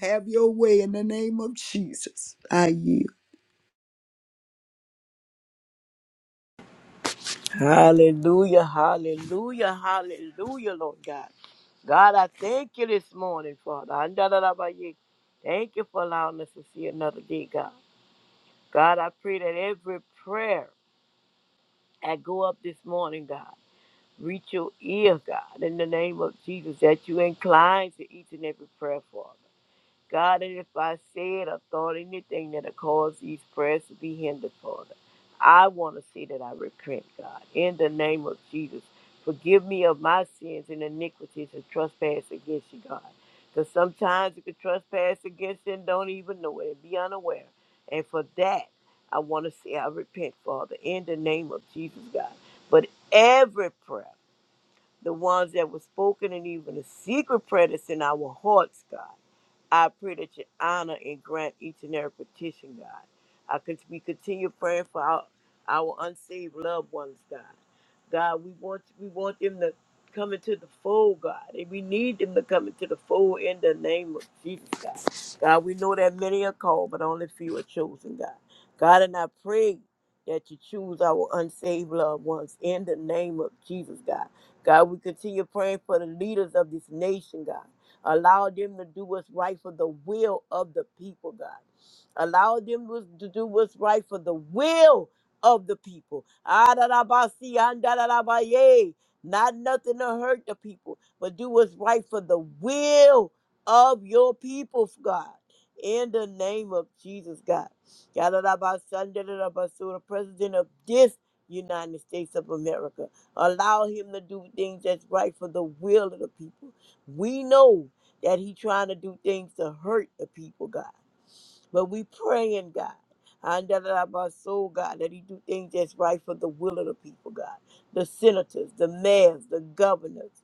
Speaker 2: Have your way in the name of Jesus. I yield.
Speaker 3: Hallelujah, hallelujah, hallelujah, Lord God. God, I thank you this morning, Father. Andalalabaye. Thank you for allowing us to see another day, God. God, I pray that every prayer I go up this morning, God, reach your ear, God, in the name of Jesus, that you incline to each and every prayer, Father. God, and if I said or thought anything that'll cause these prayers to be hindered, Father, I want to see that I repent, God, in the name of Jesus. Forgive me of my sins and iniquities and trespass against you, God. Because sometimes you can trespass against you and don't even know it and be unaware. And for that, I want to say I repent, Father, in the name of Jesus, God. But every prayer, the ones that were spoken and even the secret prayer that's in our hearts, God. I pray that you honor and grant each and every petition, God. I cont- we continue praying for our, our unsaved loved ones, God. God, we want we want them to come into the fold, God, and we need them to come into the fold in the name of Jesus, God. God, we know that many are called, but only few are chosen, God. God, and I pray that you choose our unsaved loved ones in the name of Jesus, God. God, we continue praying for the leaders of this nation, God. Allow them to do what's right for the will of the people, God. Allow them was- to do what's right for the will of the people. Adarabasi, andarabaye. Not nothing to hurt the people, but do what's right for the will of your people, God. In the name of Jesus, God. Yadarabasi, andarabasu, The president of this United States of America. Allow him to do things that's right for the will of the people. We know that he trying to do things to hurt the people, God. But we praying, God. And that that my soul, God, that he do things that's right for the will of the people, God. The senators, the mayors, the governors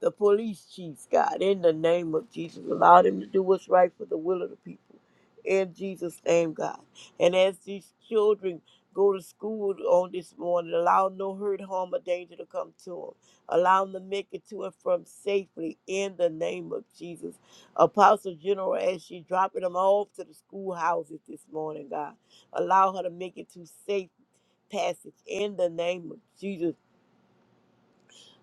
Speaker 3: the police chiefs, God, in the name of Jesus. Allow them to do what's right for the will of the people. In Jesus' name, God. And as these children go to school on this morning, allow no hurt, harm, or danger to come to them. Allow them to make it to and from safely in the name of Jesus. Apostle General, as she dropping them off to the schoolhouses this morning, God, allow her to make it to safe passage in the name of Jesus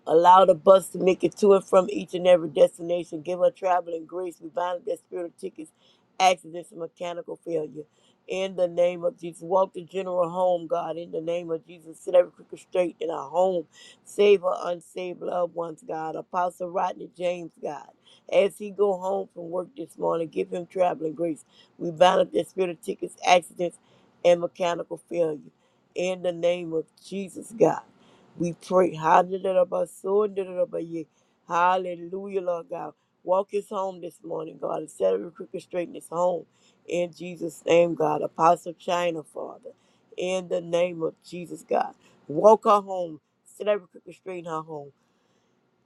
Speaker 3: Allow the bus to make it to and from each and every destination. Give her traveling grace. We bind up that spirit of tickets, accidents, and mechanical failure. In the name of Jesus, walk the general home, God. In the name of Jesus, set every crooked straight in our home. Save our unsaved loved ones, God. Apostle Rodney James, God. As he go home from work this morning, give him traveling grace. We bind up that spirit of tickets, accidents, and mechanical failure. In the name of Jesus, God. We pray. Hallelujah, Hallelujah, Lord God. Walk his home this morning, God, and set every crooked straight in his home. In Jesus' name, God. Apostle China, Father. In the name of Jesus, God. Walk her home. Set every crooked straight in her home.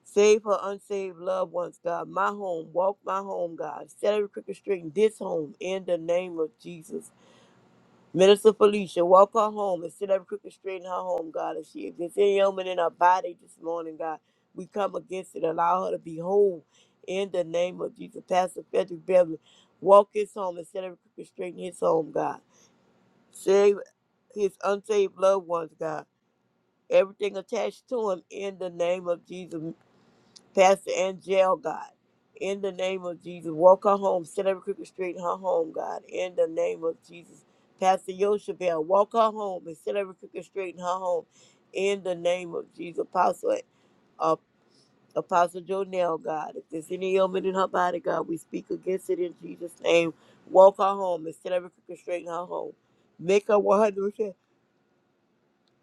Speaker 3: Save her unsaved loved ones, God. My home. Walk my home, God. Set every crooked straight in this home. In the name of Jesus. Minister Felicia, walk her home and sit up crooked straight in her home, God. If she if there's any ailment in her body this morning, God, we come against it. Allow her to be whole in the name of Jesus. Pastor Frederick Beverly, walk his home and set every crooked straight in his home, God. Save his unsaved loved ones, God. Everything attached to him in the name of Jesus. Pastor Angel, God. In the name of Jesus, walk her home, set every crooked straight in her home, God. In the name of Jesus, Pastor Yoshabel, walk her home and set every crooked straight in her home. In the name of Jesus, Apostle, uh, Apostle Jonell, God. If there's any ailment in her body, God, we speak against it in Jesus' name. Walk her home and set every crooked straight in her home. Make her 100%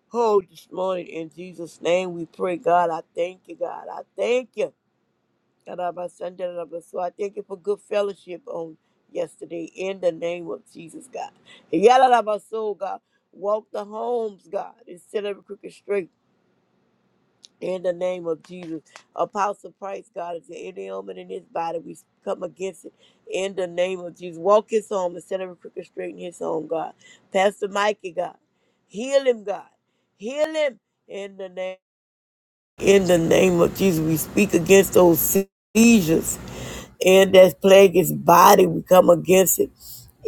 Speaker 3: whole this morning in Jesus' name. We pray, God. I thank you, God. I thank you. So I thank you for good fellowship on yesterday in the name of Jesus, God. Yadarabaso, God. Walk the homes, God, and set every crooked straight in the name of Jesus. Apostle Price, God, if there's any element in his body, we come against it in the name of Jesus. Walk his home and set every crooked straight in his home, God. Pastor Mikey, God. Heal him, God. Heal him in the name in the name of Jesus. We speak against those seizures and that plague is body, we come against it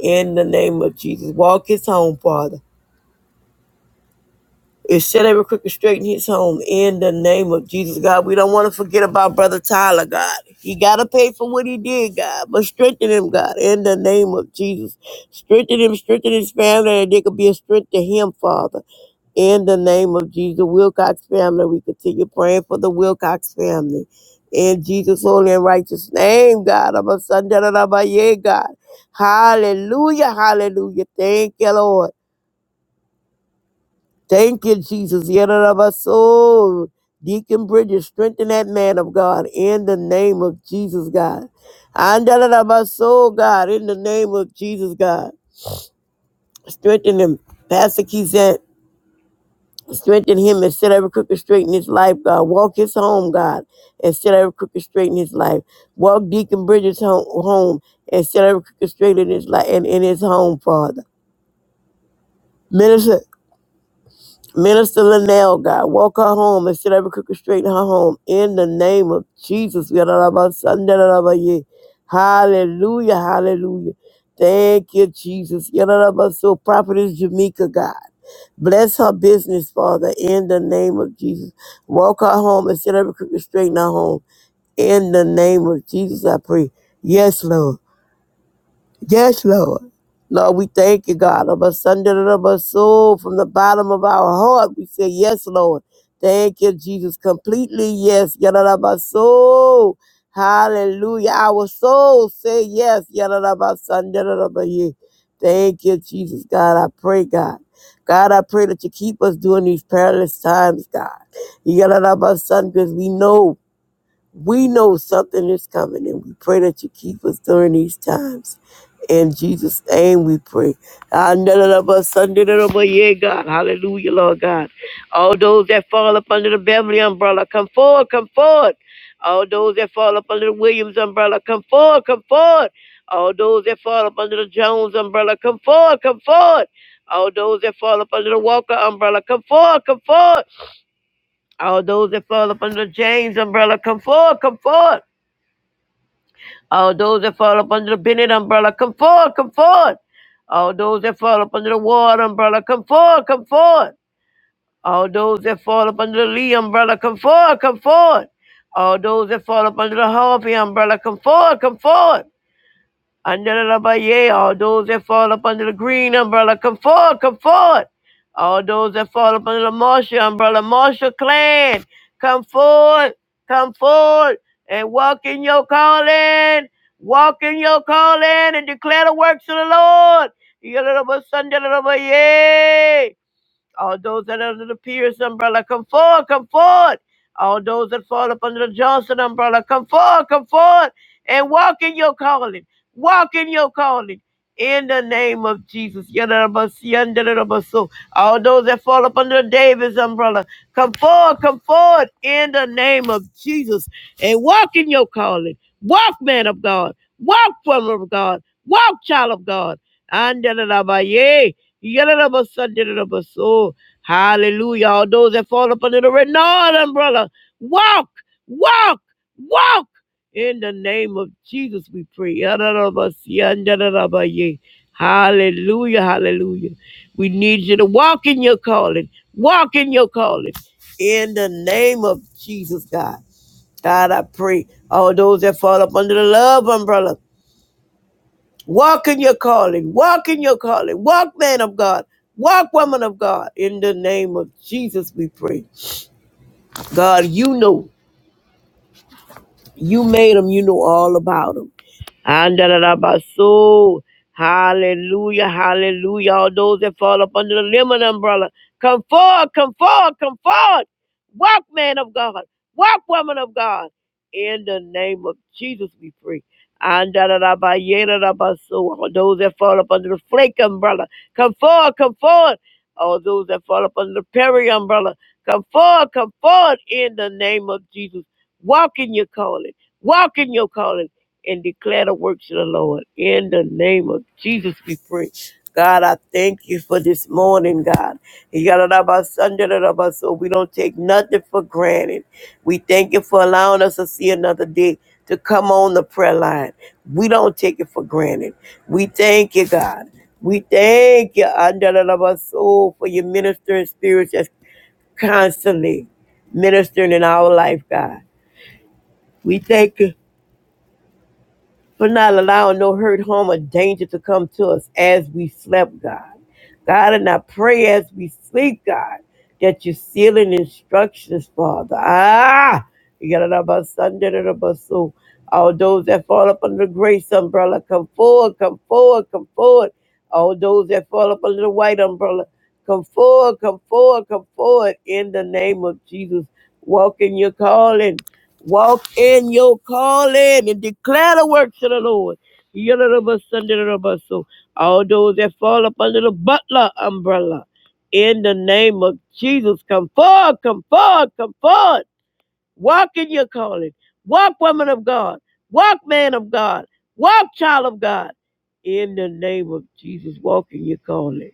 Speaker 3: in the name of Jesus. Walk his home, Father. It's said every crooked straight in his home in the name of Jesus, God. We don't want to forget about Brother Tyler, God. He got to pay for what he did, God. But strengthen him, God, in the name of Jesus. Strengthen him, strengthen his family, and they could be a strength to him, Father. In the name of Jesus, the Wilcox family, we continue praying for the Wilcox family. In Jesus' holy and righteous name, God. I'm a son, da, da, da, ba, yeah, God. Hallelujah, hallelujah. Thank you, Lord. Thank you, Jesus. Yadarabaso. Deacon Bridges, strengthen that man of God in the name of Jesus, God. Andarabaso, God, in the name of Jesus, God. Strengthen him. Pastor Kizet, strengthen him and set every crooked straight in his life, God. Walk his home, God, and set every crooked straight in his life. Walk Deacon Bridges home, home and set every crooked straight in his life and in his home, Father. Minister Minister Linnell, God, walk her home and set every crooked straight in her home. In the name of Jesus. we are about Sunday, Hallelujah, hallelujah. Thank you, Jesus. Ya, da, da, ba, So prophetess Jamaica, God. Bless her business, Father, in the name of Jesus. Walk her home and set every crooked straight in her home. In the name of Jesus, I pray. Yes, Lord. Yes, Lord. Lord, we thank you, God. Of us under the of us soul, from the bottom of our heart, we say, Yes, Lord. Thank you, Jesus. Completely, yes. Yada my soul. Hallelujah. Our soul say yes. Yada my son. Yada my ye. Thank you, Jesus. God, I pray, God. God, I pray that you keep us during these perilous times, God. Yada my son, because we know. We know something is coming, and we pray that you keep us during these times. In Jesus' name we pray. Ah, na, na, na, ba, sun, na, na, na, ba, Yeah, God. Hallelujah, Lord God. All those that fall up under the Beverly umbrella, come forward, come forward. All those that fall up under the Williams umbrella, come forward, come forward. All those that fall up under the Jones umbrella, come forward, come forward. All those that fall up under the Walker umbrella, come forward, come forward. All those that fall up under the James umbrella, come forward, come forward. All those that fall up under the Bennett umbrella, come forward, come forward. All those that fall up under the Ward umbrella, come forward, come forward. All those that fall up under the Lee umbrella, come forward, come forward. All those that fall up under the Harvey umbrella, come forward, come forward. Under the umbrella, yea, all those that fall up under the green umbrella, come forward, come forward. All those that fall up under the Marshall umbrella, Marshall clan, come forward, come forward, and walk in your calling, walk in your calling, and declare the works of the Lord. Yea, little bit, Sunday, little bit, yea. All those that are under the Pierce umbrella, come forward, come forward. All those that fall up under the Johnson umbrella, come forward, come forward, and walk in your calling. Walk in your calling. In the name of Jesus. Yadadabasu, All those that fall up under the Davis umbrella, come forward, come forward in the name of Jesus and walk in your calling. Walk, man of God. Walk, woman of God. Walk, child of God. Andalabaye. Yadadabasadidadabaso. Hallelujah. All those that fall up under the Renault umbrella, walk, walk, walk. In the name of Jesus, we pray. Yadadabasiyandadadabaye. Hallelujah, hallelujah. We need you to walk in your calling, walk in your calling. In the name of Jesus, God. God, I pray all those that fall up under the love umbrella. Walk in your calling. Walk in your calling. Walk, man of God. Walk, woman of God. In the name of Jesus, we pray. God, you know. You made them. You know all about them. Andalabaso. Hallelujah, hallelujah. All those that fall up under the lemon umbrella, come forward, come forward, come forward. Walk, man of God. Walk, woman of God. In the name of Jesus, we pray. Andalabaso. All those that fall up under the flake umbrella, come forward, come forward. All those that fall up under the Perry umbrella, come forward, come forward in the name of Jesus. Walk in your calling, walk in your calling, and declare the works of the Lord. In the name of Jesus, we pray. God, I thank you for this morning, God. You got it about Sunday, so we don't take nothing for granted. We thank you for allowing us to see another day to come on the prayer line. We don't take it for granted. We thank you, God. We thank you, Andalava Soul, for your ministering spirits that's constantly ministering in our life, God. We thank you for not allowing no hurt, harm, or danger to come to us as we slept, God. God, and I pray as we sleep, God, that you're sealing instructions, Father. Ah, you got it about Sunday, da, about so. All those that fall up under the grace umbrella, come forward, come forward, come forward. All those that fall up under the white umbrella, come forward, come forward, come forward. In the name of Jesus, walk in your calling. Walk in your calling and declare the works of the Lord. Yalabas, sandalabas. So All those that fall up under the butler umbrella, in the name of Jesus, come forward, come forward, come forward. Walk in your calling. Walk, woman of God. Walk, man of God. Walk, child of God. In the name of Jesus, walk in your calling.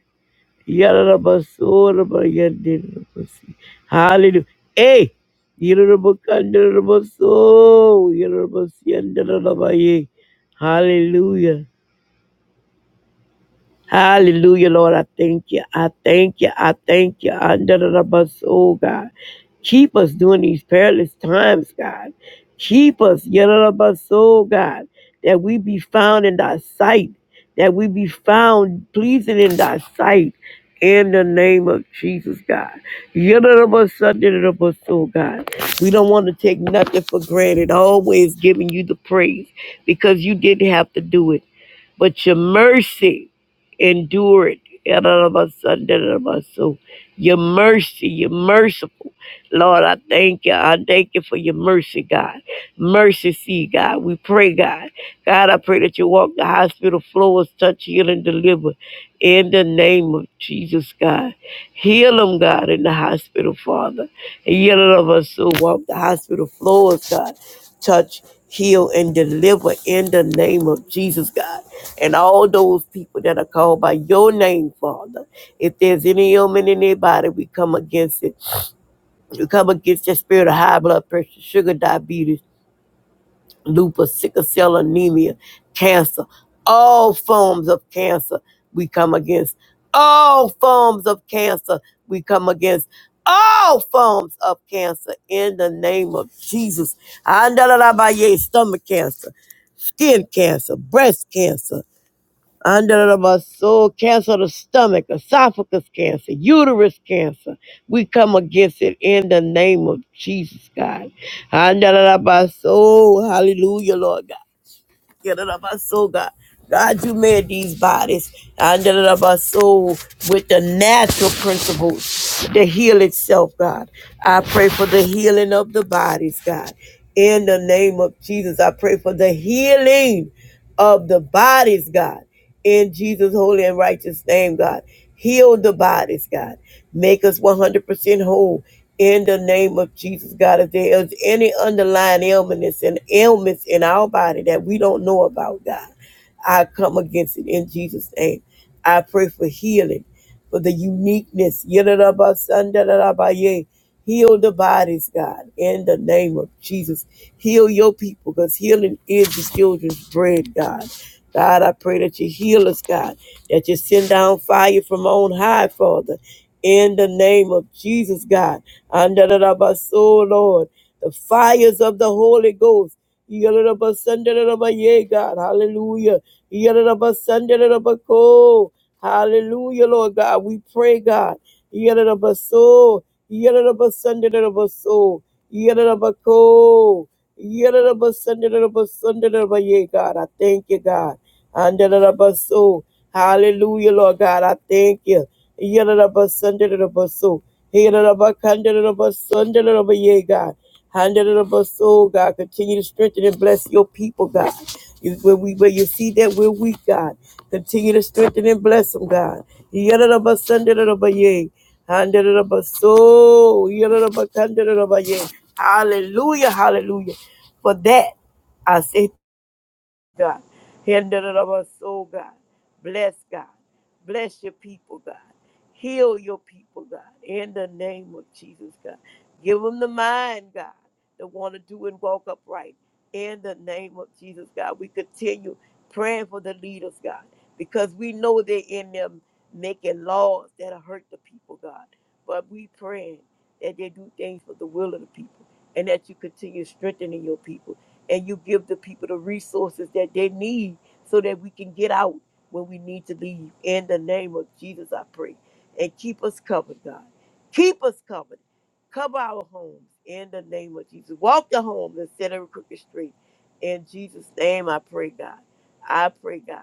Speaker 3: Yarabasurabayandirabasi. Hallelujah. Hey! Yirabakandirabaso. Yarabasiandirabaye. Hallelujah. Hallelujah, Lord. I thank you. I thank you. I thank you. Under the bus, oh God. Keep us during these perilous times, God. Keep us, yellow bus, oh God, that we be found in thy sight, that we be found pleasing in thy sight. In the name of Jesus, God. Yellow bus, Yelalabas, bus, oh God. We don't want to take nothing for granted, always giving you the praise because you didn't have to do it. But your mercy, endure it. Yadadabasadadadabaso. Your mercy, you're merciful. Lord, I thank you. I thank you for your mercy, God. Mercy, see, God. We pray, God. God, I pray that you walk the hospital floors, touch, heal, and deliver in the name of Jesus, God. Heal them, God, in the hospital, Father. Healing of us who walk the hospital floors, God. Touch, heal, and deliver in the name of Jesus, God. And all those people that are called by your name, Father. If there's any ailment in their body, we come against it. We come against the spirit of high blood pressure, sugar, diabetes lupus, sickle cell anemia, cancer, all forms of cancer we come against. All forms of cancer we come against. All forms of cancer in the name of Jesus. Andalabaye, stomach cancer, skin cancer, breast cancer. Andalabaso, cancer of the stomach, esophagus cancer, uterus cancer. We come against it in the name of Jesus, God. Andalabaso, hallelujah, Lord God. Yadadabaso, God. God, you made these bodies soul with the natural principles to heal itself, God. I pray for the healing of the bodies, God. In the name of Jesus, I pray for the healing of the bodies, God in Jesus' holy and righteous name, God. Heal the bodies, God. Make us 100% whole in the name of Jesus, God. If there is any underlying illness and ailments in our body that we don't know about, God, I come against it in Jesus' name. I pray for healing for the uniqueness. Yidda-da-ba-sun-da-da-da-ba-yay. Heal the bodies, God, in the name of Jesus. Heal your people because healing is the children's bread, God. God, I pray that you heal us, God, that you send down fire from on high, Father, in the name of Jesus, God. Under the Lord, the fires of the Holy Ghost. Yadaraba Sandaraba ye God. Hallelujah. Yadaraba Sandaraba Ko. Hallelujah, Lord God. We pray, God. Yadaraba So. Yadaraba Sandaraba So. Yadaraba Ko. Yadaraba Sandaraba Sandaraba ye God. I thank you, God. Andaraba So. Hallelujah, Lord God. I thank you. Yadaraba Sandaraba So. He got up, handed it up, sundered it up, yeah, God. Handed it Handle soul, God. Continue to strengthen and bless your people, God. You, where, we, where you see that we're weak, God. Continue to strengthen and bless them, God. He got it up, sundered it up, yeah, sandadadaba it Handadadaba soul. He got it up, handed it kandadadaba yeah. Hallelujah, hallelujah. For that, I say God. Hinder it of us, oh God. Bless God. Bless your people, God. Heal your people, God. In the name of Jesus, God. Give them the mind, God, that want to do and walk upright. In the name of Jesus, God. We continue praying for the leaders, God, because we know they're in them making laws that'll hurt the people, God. But we praying that they do things for the will of the people and that you continue strengthening your people and you give the people the resources that they need so that we can get out when we need to leave. In the name of Jesus, I pray. And keep us covered, God. Keep us covered. Cover our homes in the name of Jesus. Walk the home and set every crooked straight. In Jesus' name, I pray, God. I pray, God,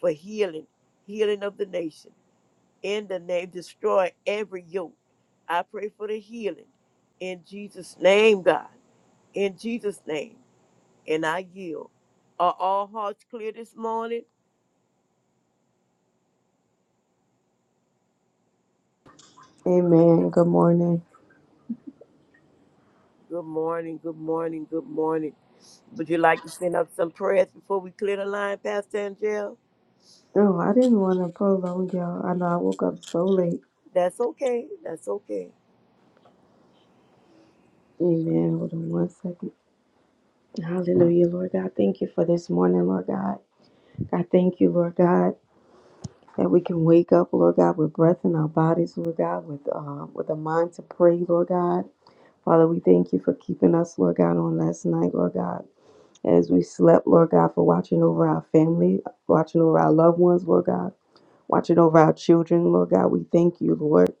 Speaker 3: for healing, healing of the nation. In the name, destroy every yoke. I pray for the healing. In Jesus' name, God. In Jesus' name and I yield. Are all hearts clear this morning?
Speaker 4: Amen. Good morning.
Speaker 3: Good morning, good morning, good morning. Would you like to send up some prayers before we clear the line, Pastor Angel?
Speaker 4: No, I didn't want to prolong y'all. I know I woke up so late.
Speaker 3: That's okay. That's okay.
Speaker 4: Amen. Hold on one second. Hallelujah, Lord God. Thank you for this morning, Lord God. I thank you, Lord God, that we can wake up, Lord God, with breath in our bodies, Lord God, with uh, with a mind to pray, Lord God. Father, we thank you for keeping us, Lord God, on last night, Lord God. As we slept, Lord God, for watching over our family, watching over our loved ones, Lord God, watching over our children, Lord God. We thank you, Lord.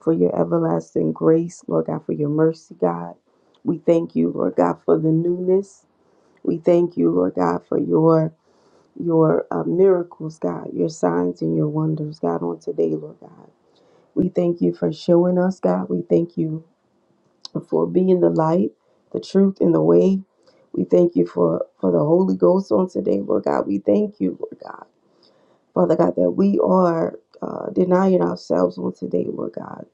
Speaker 4: for your everlasting grace, Lord God, for your mercy, God. We thank you, Lord God, for the newness. We thank you, Lord God, for your your uh, miracles, God, your signs and your wonders, God, on today, Lord God. We thank you for showing us, God. We thank you for being the light, the truth, and the way. We thank you for for the Holy Ghost on today, Lord God. We thank you, Lord God, Father God, that we are uh, denying ourselves on today, Lord God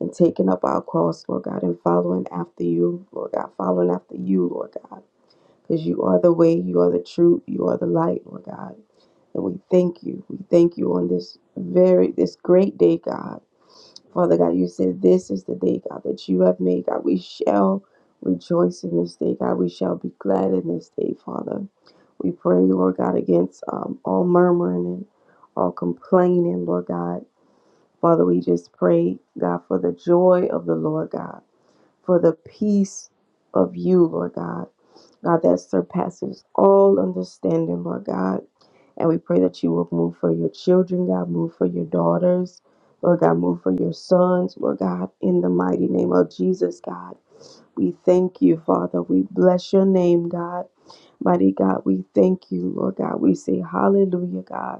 Speaker 4: and taking up our cross, Lord God, and following after you, Lord God, following after you, Lord God, because you are the way, you are the truth, you are the light, Lord God. And we thank you. We thank you on this very, this great day, God. Father God, you said this is the day, God, that you have made, God. We shall rejoice in this day, God. We shall be glad in this day, Father. We pray, Lord God, against um, all murmuring and all complaining, Lord God. Father, we just pray, God, for the joy of the Lord, God for the peace of you, Lord God. God, that surpasses all understanding, Lord God. And we pray that you will move for your children, God, move for your daughters, Lord God, move for your sons, Lord God, in the mighty name of Jesus, God. We thank you, Father. We bless your name, God. Mighty God, we thank you, Lord God. We say hallelujah, God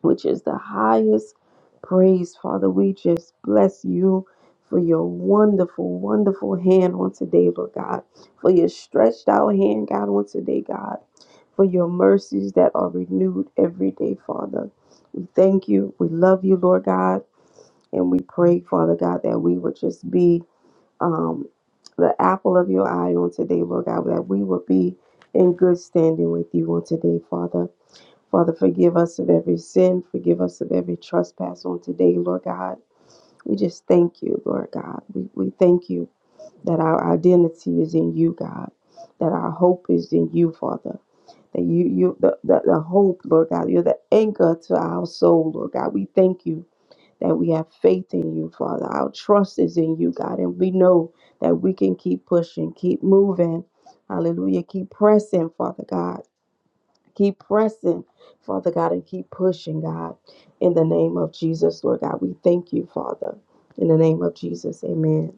Speaker 4: which is the highest praise. Father, we just bless you for your wonderful, wonderful hand on today, Lord God, for your stretched out hand, God, on today, God, for your mercies that are renewed every day, Father. We thank you. We love you, Lord God, and we pray, Father God, that we would just be um, the apple of your eye on today, Lord God, that we would be in good standing with you on today, Father. Father, forgive us of every sin. Forgive us of every trespass on today, Lord God. We just thank you, Lord God. We, we thank you that our identity is in you, God, that our hope is in you, Father. That you, you the, the, the hope, Lord God, you're the anchor to our soul, Lord God. We thank you that we have faith in you, Father. Our trust is in you, God, and we know that we can keep pushing, keep moving. Hallelujah. Keep pressing, Father God Keep pressing, Father God, and keep pushing, God. In the name of Jesus, Lord God, we thank you, Father. In the name of Jesus, amen.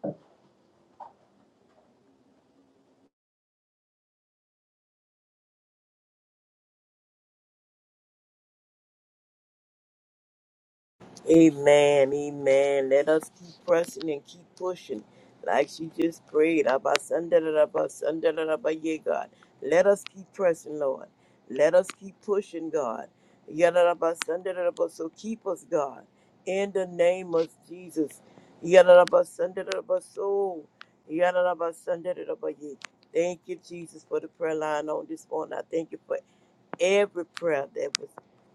Speaker 3: Amen, amen. Let us keep pressing and keep pushing. Like she just prayed. Abba, Sanda, da, da, ba, Sanda, da, da, ba, yeah, God. Let us keep pressing, Lord. Let us keep pushing, God. Yeah, da, da, ba, Sanda, da, da, ba. So keep us, God. In the name of Jesus. Yeah, da, da, ba, Sanda, da, da, ba, So. Yeah, da, da, ba, Sanda, da, da, ba, yeah. Thank you, Jesus, for the prayer line on this morning. I thank you for every prayer that was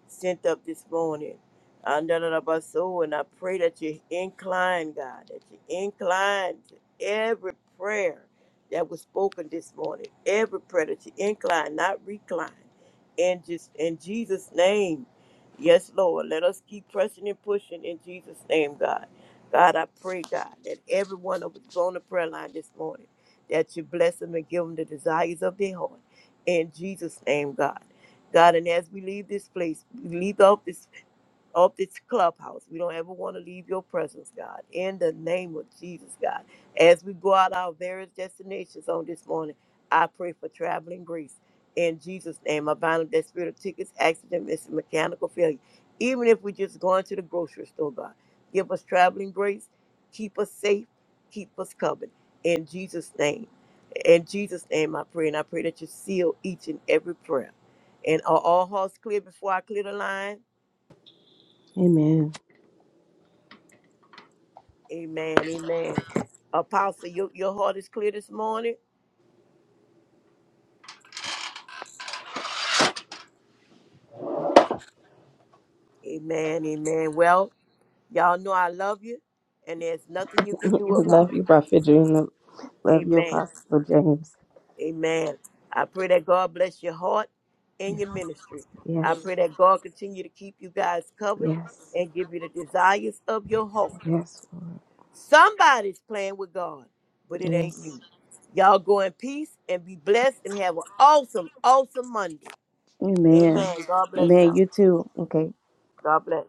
Speaker 3: sent up this morning. Andalabaso, And I pray that you incline, God, that you incline to every prayer that was spoken this morning, every prayer that you incline, not recline. And just in Jesus' name, yes, Lord, let us keep pressing and pushing in Jesus' name, God. God, I pray, God, that every one of us on the prayer line this morning, that you bless them and give them the desires of their heart. In Jesus' name, God. God, and as we leave this place, we leave off this of this clubhouse. We don't ever want to leave your presence, God. In the name of Jesus, God. As we go out our various destinations on this morning, I pray for traveling grace. In Jesus' name, I bind up that spirit of tickets, accident, missing, mechanical failure. Even if we're just going to the grocery store, God, give us traveling grace. Keep us safe. Keep us covered. In Jesus' name. In Jesus' name, I pray. And I pray that you seal each and every prayer. And are all hearts clear before I clear the line?
Speaker 4: Amen.
Speaker 3: Amen, amen. Apostle, your, your heart is clear this morning. Amen, amen. Well, y'all know I love you, and there's nothing you can do
Speaker 4: Love
Speaker 3: about it.
Speaker 4: you, Prophet Dream. Love you,
Speaker 3: Amen,
Speaker 4: Apostle James.
Speaker 3: amen. I pray that God bless your heart and
Speaker 4: Yes,
Speaker 3: your ministry. I pray that God continue to keep you guys covered
Speaker 4: yes,
Speaker 3: and give you the desires of your heart.
Speaker 4: yes, Lord.
Speaker 3: Somebody's playing with God, but it ain't me.
Speaker 4: Yes.
Speaker 3: Y'all go in peace and be blessed and have an awesome, awesome Monday.
Speaker 4: Amen.
Speaker 3: Amen. God bless
Speaker 4: Amen.
Speaker 3: y'all.
Speaker 4: You too. Okay.
Speaker 3: God bless.